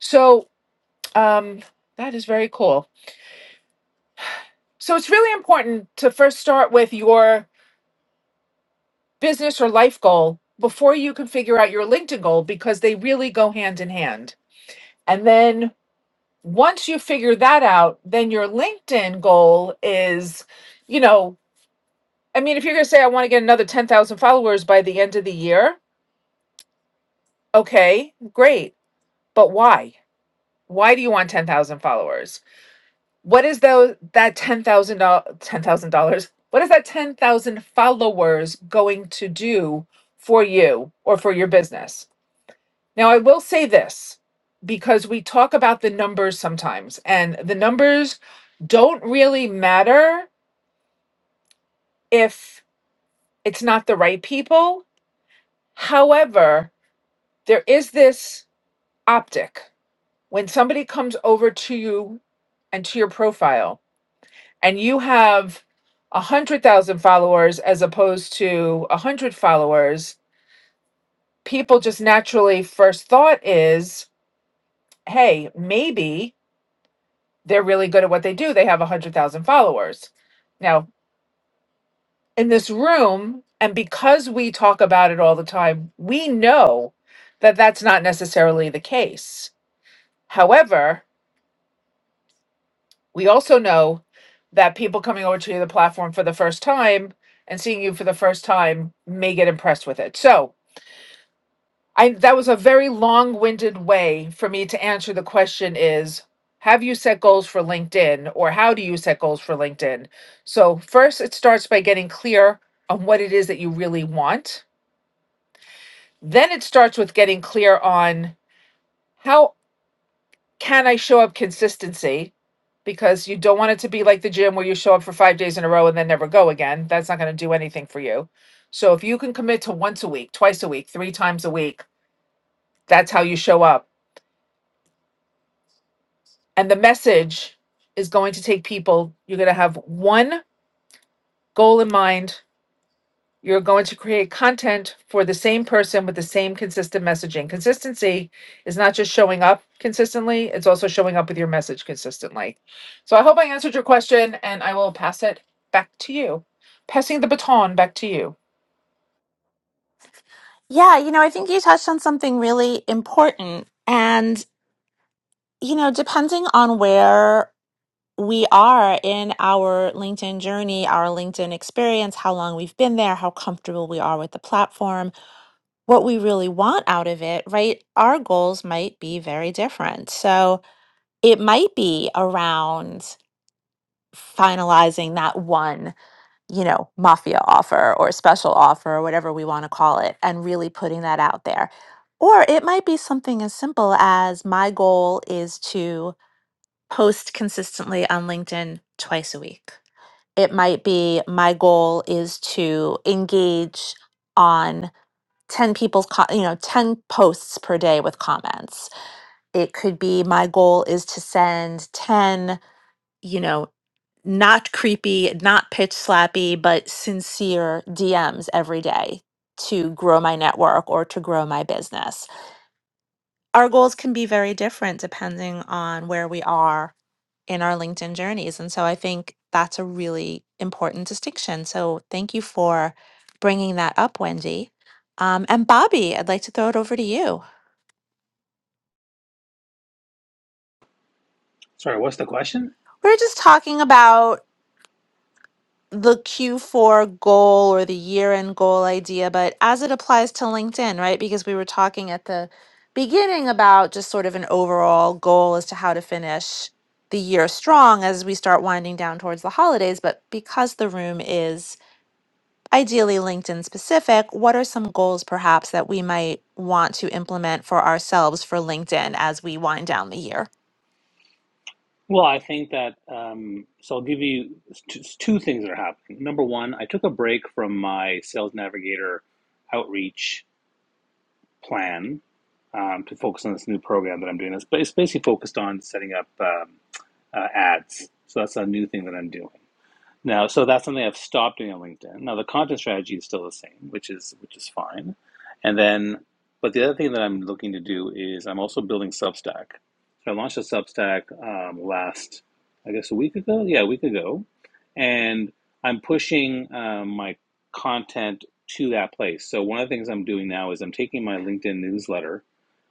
So, um, that is very cool. So it's really important to first start with your business or life goal before you can figure out your LinkedIn goal because they really go hand in hand. And then once you figure that out, then your LinkedIn goal is, you know, I mean, if you're going to say, I want to get another 10,000 followers by the end of the year, okay, great. But why? Why do you want 10,000 followers? What is those, that $10,000, $10,000? What is that 10,000 followers going to do for you or for your business? Now, I will say this because we talk about the numbers sometimes, and the numbers don't really matter if it's not the right people. However, there is this optic when somebody comes over to you and to your profile, and you have a 100,000 followers as opposed to a 100 followers, people just naturally first thought is, hey, maybe they're really good at what they do. They have 100,000 followers. Now, in this room, and because we talk about it all the time, we know that that's not necessarily the case. However, we also know that people coming over to the platform for the first time and seeing you for the first time may get impressed with it. So, I that was a very long-winded way for me to answer the question is have you set goals for LinkedIn or how do you set goals for LinkedIn? So first it starts by getting clear on what it is that you really want. Then it starts with getting clear on how can I show up consistency because you don't want it to be like the gym where you show up for 5 days in a row and then never go again. That's not going to do anything for you. So if you can commit to once a week, twice a week, three times a week, that's how you show up And the message is going to take people, you're going to have one goal in mind. You're going to create content for the same person with the same consistent messaging. Consistency is not just showing up consistently, it's also showing up with your message consistently. So I hope I answered your question and I will pass it back to you. Passing the baton back to you.
Yeah, you know, I think you touched on something really important. And, you know, depending on where we are in our LinkedIn journey, our LinkedIn experience, how long we've been there, how comfortable we are with the platform, what we really want out of it, right? Our goals might be very different. So it might be around finalizing that one, you know, mafia offer or special offer or whatever we want to call it and really putting that out there. Or it might be something as simple as my goal is to post consistently on LinkedIn twice a week it might be my goal is to engage on 10 people's co- you know 10 posts per day with comments it could be my goal is to send 10 you know not creepy not pitch slappy but sincere dms every day to grow my network or to grow my business our goals can be very different depending on where we are in our LinkedIn journeys. And so I think that's a really important distinction. So thank you for bringing that up, Wendy. Um, and Bobby, I'd like to throw it over to you. We We're just talking about the Q4 goal or the year end goal idea, but as it applies to LinkedIn, right? Because we were talking at the beginning about just sort of an overall goal as to how to finish the year strong as we start winding down towards the holidays. But because the room is ideally LinkedIn specific, what are some goals perhaps that we might want to implement for ourselves for LinkedIn as we wind down the year?
Well, I think that um, so I'll give you two, two things that are happening. Number one, I took a break from my Sales Navigator outreach plan um, to focus on this new program that I'm doing. It's, ba- it's basically focused on setting up um, uh, ads. So that's a new thing that I'm doing. Now, so that's something I've stopped doing on LinkedIn. Now, the content strategy is still the same, which is which is fine. And then, but the other thing that I'm looking to do is I'm also building Substack. So I launched a Substack um, last, I guess, a week ago. Yeah, a week ago, and I'm pushing um, my content to that place. So one of the things I'm doing now is I'm taking my LinkedIn newsletter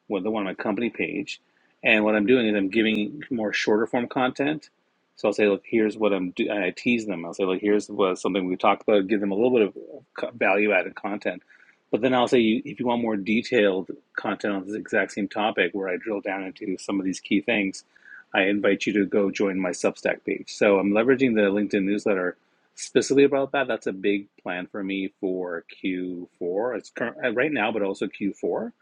with the one on my company page. And what I'm doing is I'm giving more shorter form content. So I'll say, look, here's what I'm do. I tease them. I'll say, look, here's what something we talked about. Give them a little bit of value added content. But then I'll say, if you want more detailed content on this exact same topic, where I drill down into some of these key things, I invite you to go join my Substack page. So I'm leveraging the LinkedIn newsletter specifically about that. That's a big plan for me for Q4. It's current uh, right now, but also Q4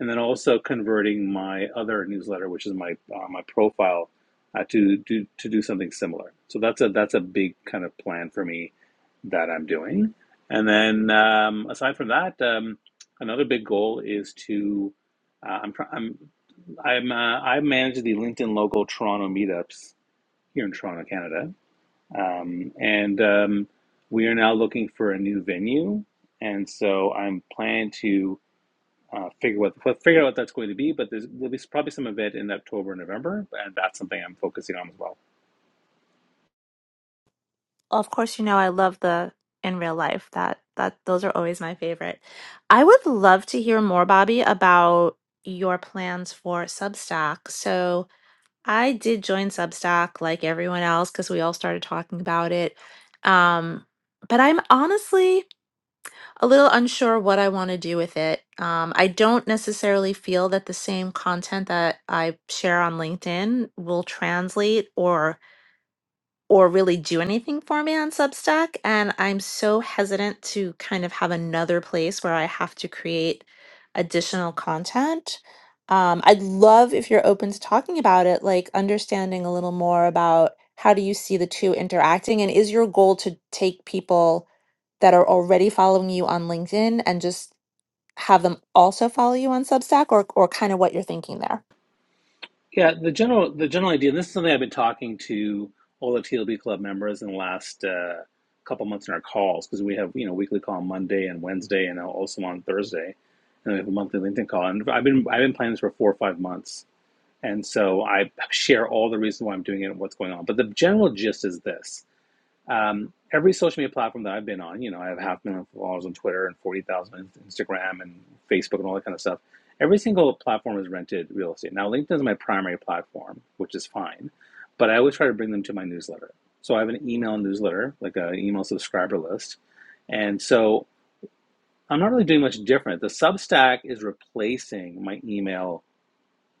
and then also converting my other newsletter, which is my uh, my profile, uh, to do to do something similar. So that's a that's a big kind of plan for me that I'm doing. And then um, aside from that, um, another big goal is to uh, I'm I'm I'm uh, I manage the LinkedIn local Toronto meetups here in Toronto, Canada, um, and um, we are now looking for a new venue. And so I'm planning to uh, figure what figure out what that's going to be. But there's, there'll be probably some of it in October, and November, and that's something I'm focusing on as well.
Of course, you know I love the in real life that that those are always my favorite. I would love to hear more Bobby about your plans for Substack. So, I did join Substack like everyone else cuz we all started talking about it. Um but I'm honestly a little unsure what I want to do with it. Um, I don't necessarily feel that the same content that I share on LinkedIn will translate or or really do anything for me on Substack. And I'm so hesitant to kind of have another place where I have to create additional content. Um, I'd love if you're open to talking about it, like understanding a little more about how do you see the two interacting, and is your goal to take people that are already following you on LinkedIn and just have them also follow you on Substack, or or kind of what you're thinking there?
Yeah, the general the general idea, and this is something I've been talking to all the TLB club members in the last uh, couple months in our calls because we have you know weekly call on Monday and Wednesday, and also on Thursday, and we have a monthly LinkedIn call. And I've been I've been planning this for four or five months, and so I share all the reasons why I'm doing it and what's going on. But the general gist is this. Um, every social media platform that I've been on, you know, I have half a million followers on Twitter and 40,000 on Instagram and Facebook and all that kind of stuff. Every single platform is rented real estate. Now, LinkedIn is my primary platform, which is fine, but I always try to bring them to my newsletter. So I have an email newsletter, like an email subscriber list. And so I'm not really doing much different. The Substack is replacing my email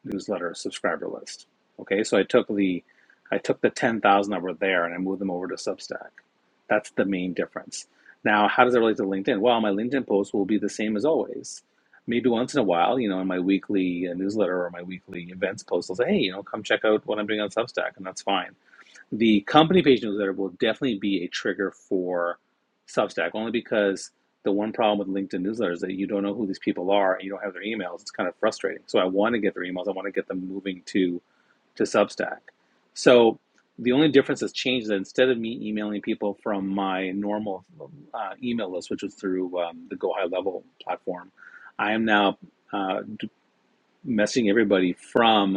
newsletter subscriber list. Okay, so I took the I took the ten thousand that were there and I moved them over to Substack. That's the main difference. Now, how does it relate to LinkedIn? Well, my LinkedIn posts will be the same as always. Maybe once in a while, you know, in my weekly uh, newsletter or my weekly events post, I'll say, hey, you know, come check out what I'm doing on Substack, and that's fine the company page newsletter will definitely be a trigger for Substack, only because the one problem with LinkedIn newsletters is that you don't know who these people are and you don't have their emails. It's kind of frustrating. So I want to get their emails. I want to get them moving to to Substack. So the only difference that's changed is that instead of me emailing people from my normal uh, email list, which was through um, the Go High Level platform, I am now uh, messaging everybody from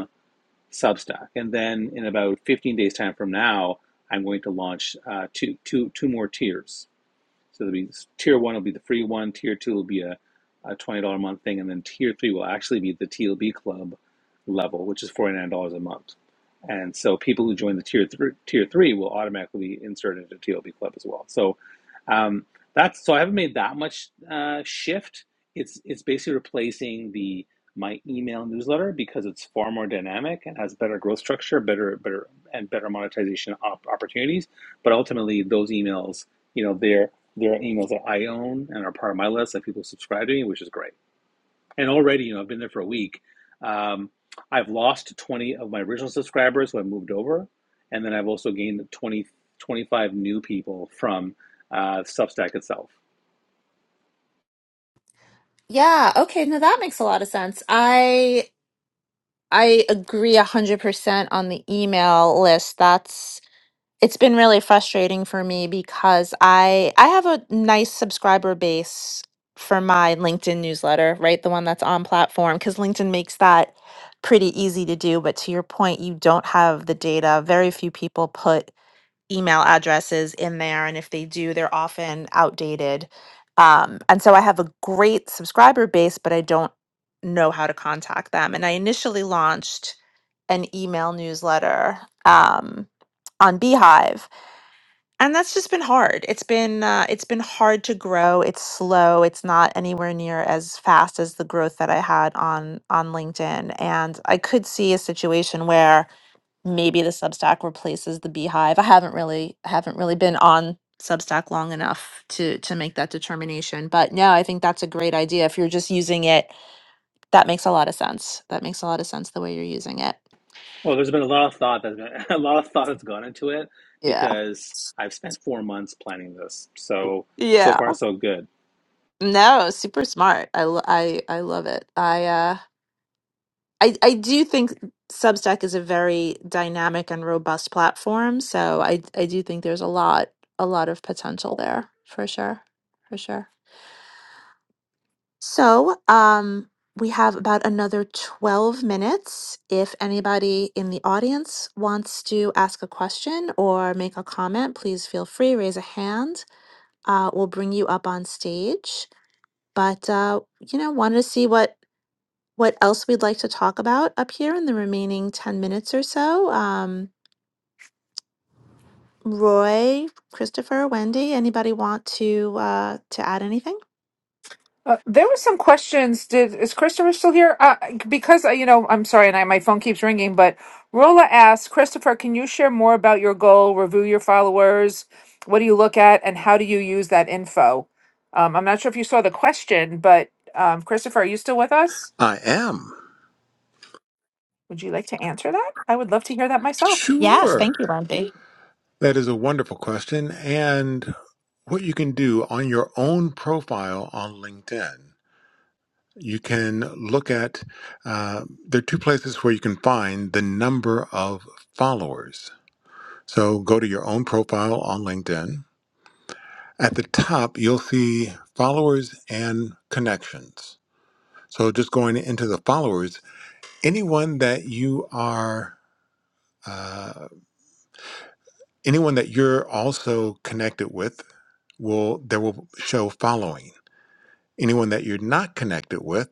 Substack, and then in about 15 days time from now, I'm going to launch uh, two two two more tiers. So there'll be tier one will be the free one, tier two will be a, a twenty dollar a month thing, and then tier three will actually be the TLB club level, which is forty nine dollars a month. And so people who join the tier three tier three will automatically be inserted into TLB club as well. So um, that's so I haven't made that much uh, shift. It's it's basically replacing the my email newsletter because it's far more dynamic and has better growth structure, better better and better monetization op- opportunities. But ultimately, those emails, you know, they're there are emails that I own and are part of my list that people subscribe to me, which is great. And already, you know, I've been there for a week. Um, I've lost 20 of my original subscribers who I moved over. And then I've also gained 20 25 new people from uh, Substack itself.
Yeah. Okay. Now that makes a lot of sense. I I agree 100% on the email list. That's it's been really frustrating for me because I I have a nice subscriber base for my LinkedIn newsletter, right? The one that's on platform cuz LinkedIn makes that pretty easy to do, but to your point, you don't have the data. Very few people put email addresses in there, and if they do, they're often outdated. Um, and so I have a great subscriber base, but I don't know how to contact them. And I initially launched an email newsletter um, on Beehive, and that's just been hard. It's been uh, it's been hard to grow. It's slow. It's not anywhere near as fast as the growth that I had on on LinkedIn. And I could see a situation where maybe the Substack replaces the Beehive. I haven't really haven't really been on Substack long enough to to make that determination. But no, I think that's a great idea. If you're just using it, that makes a lot of sense. That makes a lot of sense the way you're using it.
Well, there's been a lot of thought that [laughs] a lot of thought that's gone into it
Yeah.
because I've spent four months planning this. So so
Yeah.
far so good.
No, super smart. I lo- I I love it. I uh I I do think Substack is a very dynamic and robust platform, so I I do think there's a lot a lot of potential there for sure. For sure. So, um, we have about another 12 minutes. If anybody in the audience wants to ask a question or make a comment, please feel free, raise a hand. Uh, we'll bring you up on stage. But, uh, you know, wanted to see what, what else we'd like to talk about up here in the remaining 10 minutes or so. Um, Roy, Christopher, Wendy, anybody want to uh, to add anything?
Uh, there were some questions. Did is Christopher still here? Uh, because uh, you know, I'm sorry, and I, my phone keeps ringing. But Rola asked Christopher, "Can you share more about your goal? Review your followers. What do you look at, and how do you use that info?" Um, I'm not sure if you saw the question, but um, Christopher, are you still with us?
I am.
Would you like to answer that? I would love to hear that myself.
Yes, thank
Sure.
you, Wendy.
That is a wonderful question. And what you can do on your own profile on LinkedIn, you can look at, uh, there are two places where you can find the number of followers. So go to your own profile on LinkedIn. At the top, you'll see followers and connections. So just going into the followers anyone that you are uh, anyone that you're also connected with will there will show following anyone that you're not connected with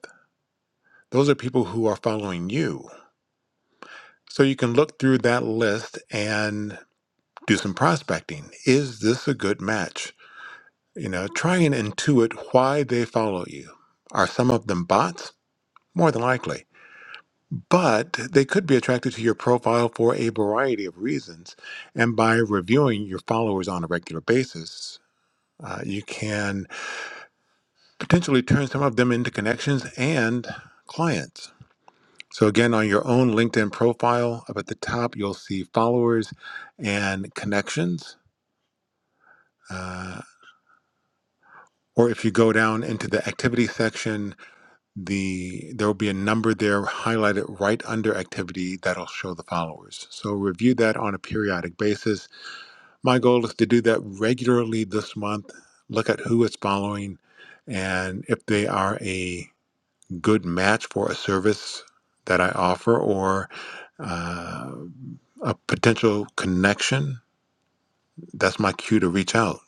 those are people who are following you so you can look through that list and do some prospecting is this a good match you know try and intuit why they follow you are some of them bots more than likely but they could be attracted to your profile for a variety of reasons. And by reviewing your followers on a regular basis, uh, you can potentially turn some of them into connections and clients. So, again, on your own LinkedIn profile, up at the top, you'll see followers and connections. Uh, or if you go down into the activity section, the there will be a number there highlighted right under activity that'll show the followers. So review that on a periodic basis My goal is to do that regularly this month. Look at who is following and if they are a good match for a service that I offer or uh, a potential connection. That's my cue to reach out.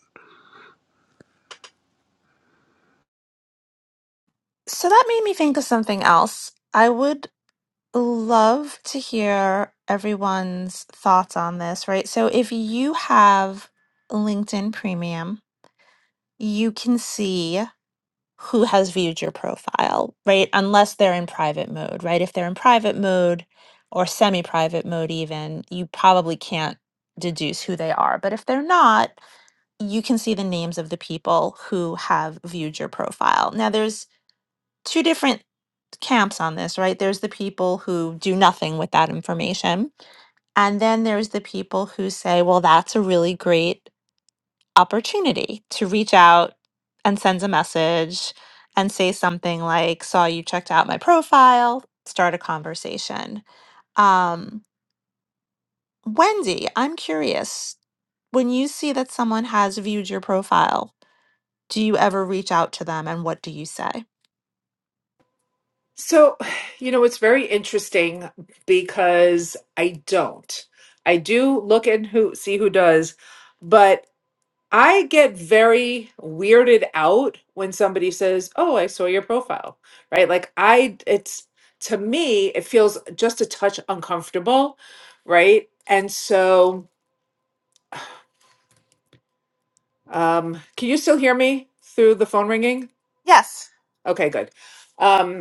So that made me think of something else. I would love to hear everyone's thoughts on this, right? So if you have LinkedIn Premium, you can see who has viewed your profile, right? Unless they're in private mode, right? If they're in private mode or semi private mode, even, you probably can't deduce who they are. But if they're not, you can see the names of the people who have viewed your profile. Now, there's two different camps on this, right? There's the people who do nothing with that information and then there's the people who say, well, that's a really great opportunity to reach out and send a message and say something like, saw you checked out my profile, start a conversation. Um, Wendy, I'm curious when you see that someone has viewed your profile, do you ever reach out to them and what do you say?
So, you know, it's very interesting because I don't. I do look and who see who does, but. I get very weirded out when somebody says, "Oh, I saw your profile." Right? Like I it's to me it feels just a touch uncomfortable, right? And so um can you still hear me through the phone ringing?
Yes.
Okay, good. Um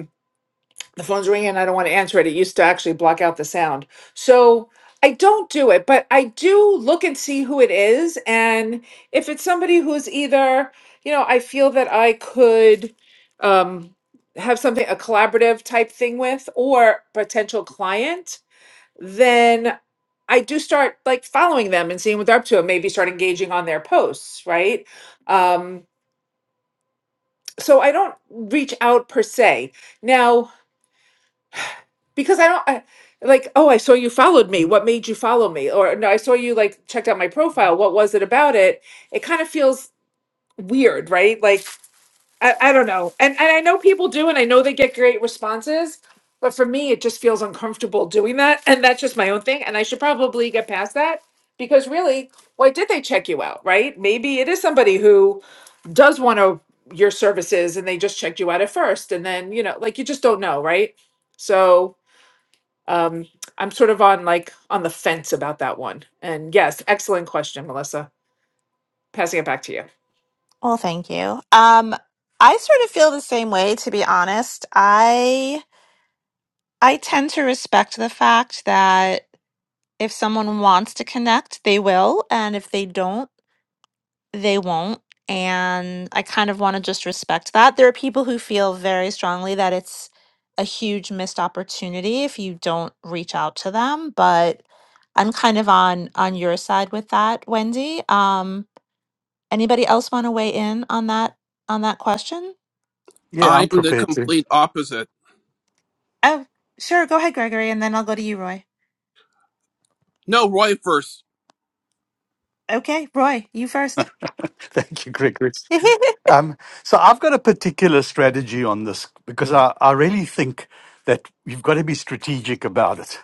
the phone's ringing and I don't want to answer it. It used to actually block out the sound. So I don't do it, but I do look and see who it is. And if it's somebody who's either, you know, I feel that I could um, have something, a collaborative type thing with, or potential client, then I do start like following them and seeing what they're up to and maybe start engaging on their posts, right? Um, so I don't reach out per se. Now, because I don't I, like, oh, I saw you followed me. What made you follow me? Or no, I saw you like checked out my profile. What was it about it? It kind of feels weird, right? Like I, I don't know. And and I know people do and I know they get great responses, but for me it just feels uncomfortable doing that and that's just my own thing and I should probably get past that because really, why did they check you out, right? Maybe it is somebody who does want to your services and they just checked you out at first and then, you know, like you just don't know, right? So um, I'm sort of on like on the fence about that one. And yes, excellent question, Melissa. Passing it back to you.
Well, thank you. Um, I sort of feel the same way, to be honest. I I tend to respect the fact that if someone wants to connect, they will, and if they don't, they won't. And I kind of want to just respect that. There are people who feel very strongly that it's a huge missed opportunity if you don't reach out to them, but I'm kind of on on your side with that, Wendy. Um, anybody else want to weigh in on that on that question?
Yeah,
I
I'm
am the
prepared to.
complete opposite.
Oh, sure. Go ahead, Gregory, and then I'll go to you, Roy.
No, Roy first.
Okay, Roy, you first.
[laughs] Thank you, Gregory.
[laughs]
Um, so I've got a particular strategy on this because I, I really think that you've got to be strategic about it.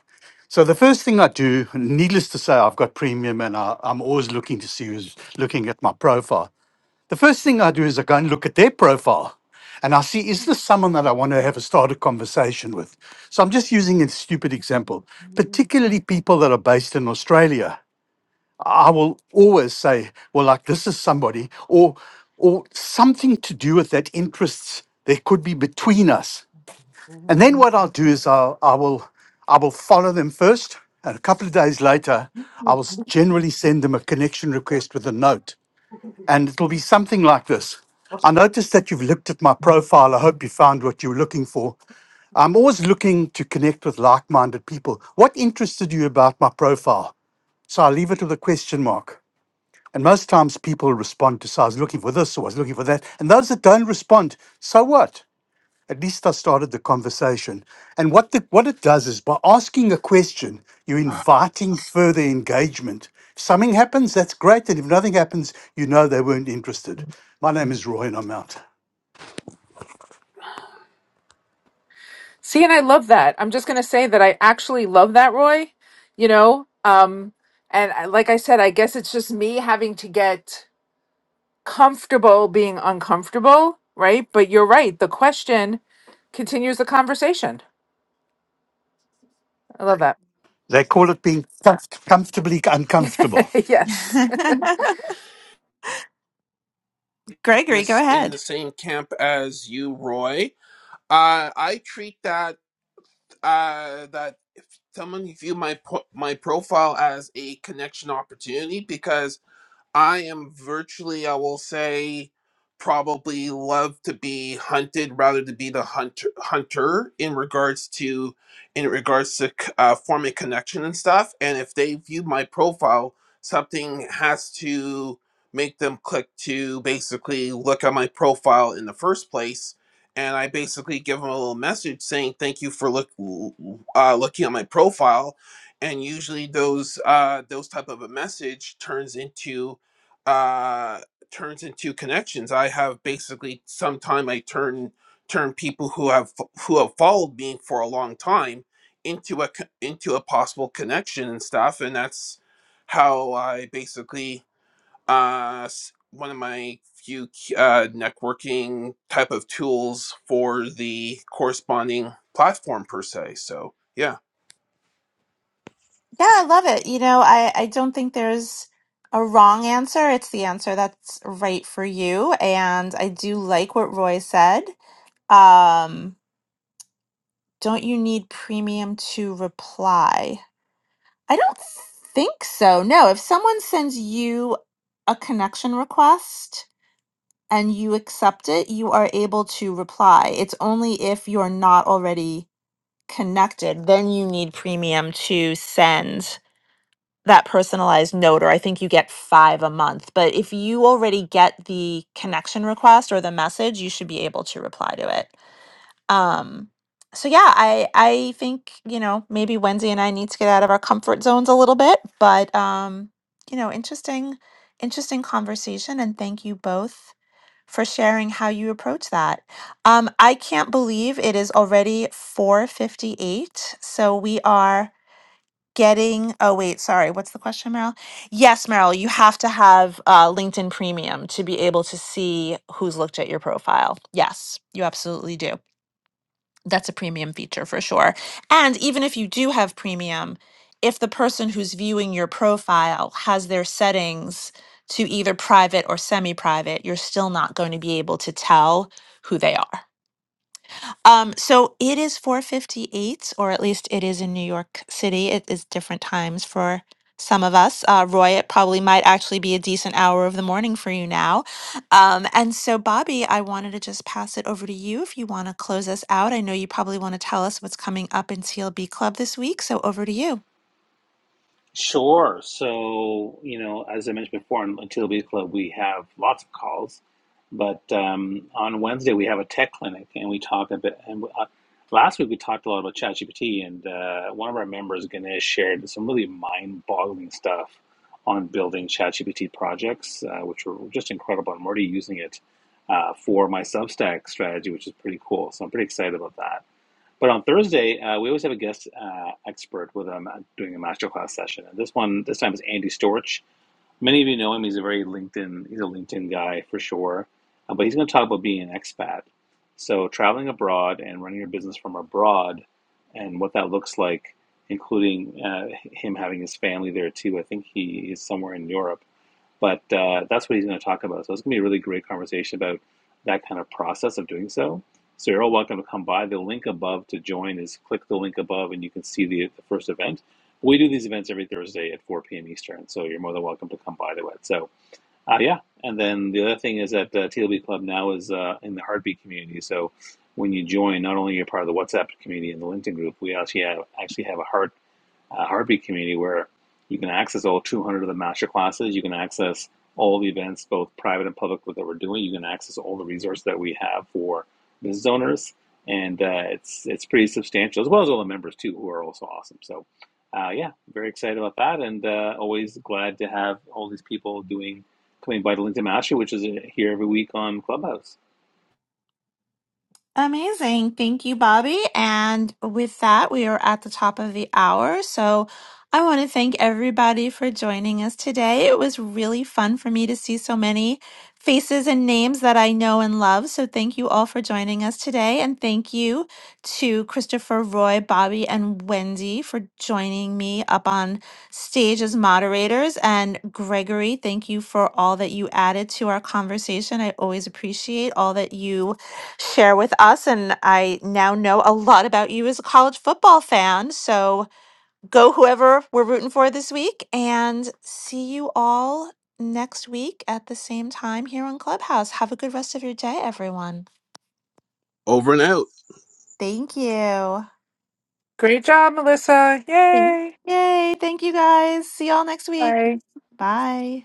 So the first thing I do, needless to say, I've got premium, and I, I'm always looking to see who's looking at my profile. the first thing I do is I go and look at their profile and I see, is this someone that I want to have a started conversation with? So I'm just using a stupid example, particularly people that are based in Australia. I will always say, well, like this is somebody or or something to do with that interests there could be between us. And then what I'll do is I'll, I will I will follow them first. And a couple of days later, I will s- generally send them a connection request with a note and it'll be something like this. I noticed that you've looked at my profile. I hope you found what you were looking for. I'm always looking to connect with like minded people. What interested you about my profile? So I leave it with a question mark. And most times people respond to, so I was looking for this or I was looking for that. And those that don't respond, so what? at least I started the conversation. And what the, what it does is by asking a question, you're
Ah,
inviting further engagement. If something happens, that's great, and if nothing happens, you know they weren't interested. My name is Roy, and I'm out.
See, and I love that. I'm just going to say that I actually love that, Roy. You know, um, and I, like I said, I guess it's just me having to get comfortable being uncomfortable, right? But you're right. The question continues the conversation. I love that.
They call it being comf- comfortably uncomfortable.
[laughs] yes.
[laughs]
In
Gregory, go
this, in the
ahead.
same camp as you, Roy. Uh, I treat that. uh, that someone view my po- my profile as a connection opportunity because I am virtually, I will say, probably love to be hunted rather to be the hunter, hunter in regards to in regards to c- uh, forming connection and stuff. And if they view my profile, something has to make them click to basically look at my profile in the first place. And I basically give them a little message saying thank you for look uh, looking at my profile and usually those uh those type of a message turns into uh, turns into connections. I have basically sometime I turn turn people who have fo- who have followed me for a long time into a co- into a possible connection and stuff, and that's how I basically uh, s- one of my few k- uh, networking type of tools for the corresponding platform per se. So yeah,
Yeah, I love it. You know, I, I don't think there's a wrong answer. It's the answer that's right for you. And I do like what Roy said. Um, don't you need premium to reply? I don't think so. No, if someone sends you a connection request and you accept it, you are able to reply. It's only if you're not already connected, then you need premium to send that personalized note or i think you get five a month but if you already get the connection request or the message you should be able to reply to it um so yeah i i think you know maybe wendy and i need to get out of our comfort zones a little bit but um you know interesting interesting conversation and thank you both for sharing how you approach that um i can't believe it is already 458 so we are getting oh wait sorry what's the question meryl yes meryl you have to have uh, linkedin premium to be able to see who's looked at your profile yes you absolutely do that's a premium feature for sure and even if you do have premium if the person who's viewing your profile has their settings to either private or semi-private you're still not going to be able to tell who they are um, so it is 4:58, or at least it is in New York City. It is different times for some of us. Uh, Roy, it probably might actually be a decent hour of the morning for you now. Um, and so, Bobby, I wanted to just pass it over to you if you want to close us out. I know you probably want to tell us what's coming up in TLB Club this week, so over to you.
Sure. So, you know, as I mentioned before, on Tilby's Club, we have lots of calls, but um, on Wednesday we have a tech clinic, and we talk a bit. And uh, last week we talked a lot about ChatGPT, and uh, one of our members, Ganesh, shared some really mind-boggling stuff on building ChatGPT projects, uh, which were just incredible. I'm already using it uh, for my Substack strategy, which is pretty cool. So I'm pretty excited about that. But on Thursday, uh, we always have a guest uh, expert with them uh, doing a masterclass session. And this one, this time is Andy Storch. Many of you know him. He's a very LinkedIn, he's a LinkedIn guy for sure. Uh, but he's going to talk about being an expat. So traveling abroad and running your business from abroad and what that looks like, including uh, him having his family there too. I think he is somewhere in Europe but uh, that's what he's going to talk about. So it's going to be a really great conversation about that kind of process of doing so. So you're all welcome to come by. The link above to join is click the link above, and you can see the, the first event. We do these events every Thursday at 4 p.m. Eastern, so you're more than welcome to come by to it. So uh, yeah, and then the other thing is that uh, TLB Club now is uh, in the Heartbeat community. So when you join, not only are you part of the WhatsApp community and the LinkedIn group, we actually have, actually have a heart uh, Heartbeat community where you can access all 200 of the master classes. You can access all the events, both private and public, that we're doing. You can access all the resources that we have for business owners, and uh, it's it's pretty substantial, as well as all the members too, who are also awesome. So, uh, yeah, very excited about that, and uh, always glad to have all these people doing coming by the LinkedIn Mastery, which is here every week on Clubhouse.
Amazing. Thank you, Bobby. And with that, we are at the top of the hour. So I want to thank everybody for joining us today. It was really fun for me to see so many faces and names that I know and love. So thank you all for joining us today. And thank you to Christopher, Roy, Bobby, and Wendy for joining me up on stage as moderators. And Gregory, thank you for all that you added to our conversation. I always appreciate all that you share with us. And I now know a lot about you as a college football fan. So go whoever we're rooting for this week and see you all next week at the same time here on Clubhouse. Have a good rest of your day, everyone.
over and out.
Thank you.
Great job, Melissa.
Thank-
Yay.
Yay. Thank you guys. See y'all next week.
Bye.
Bye.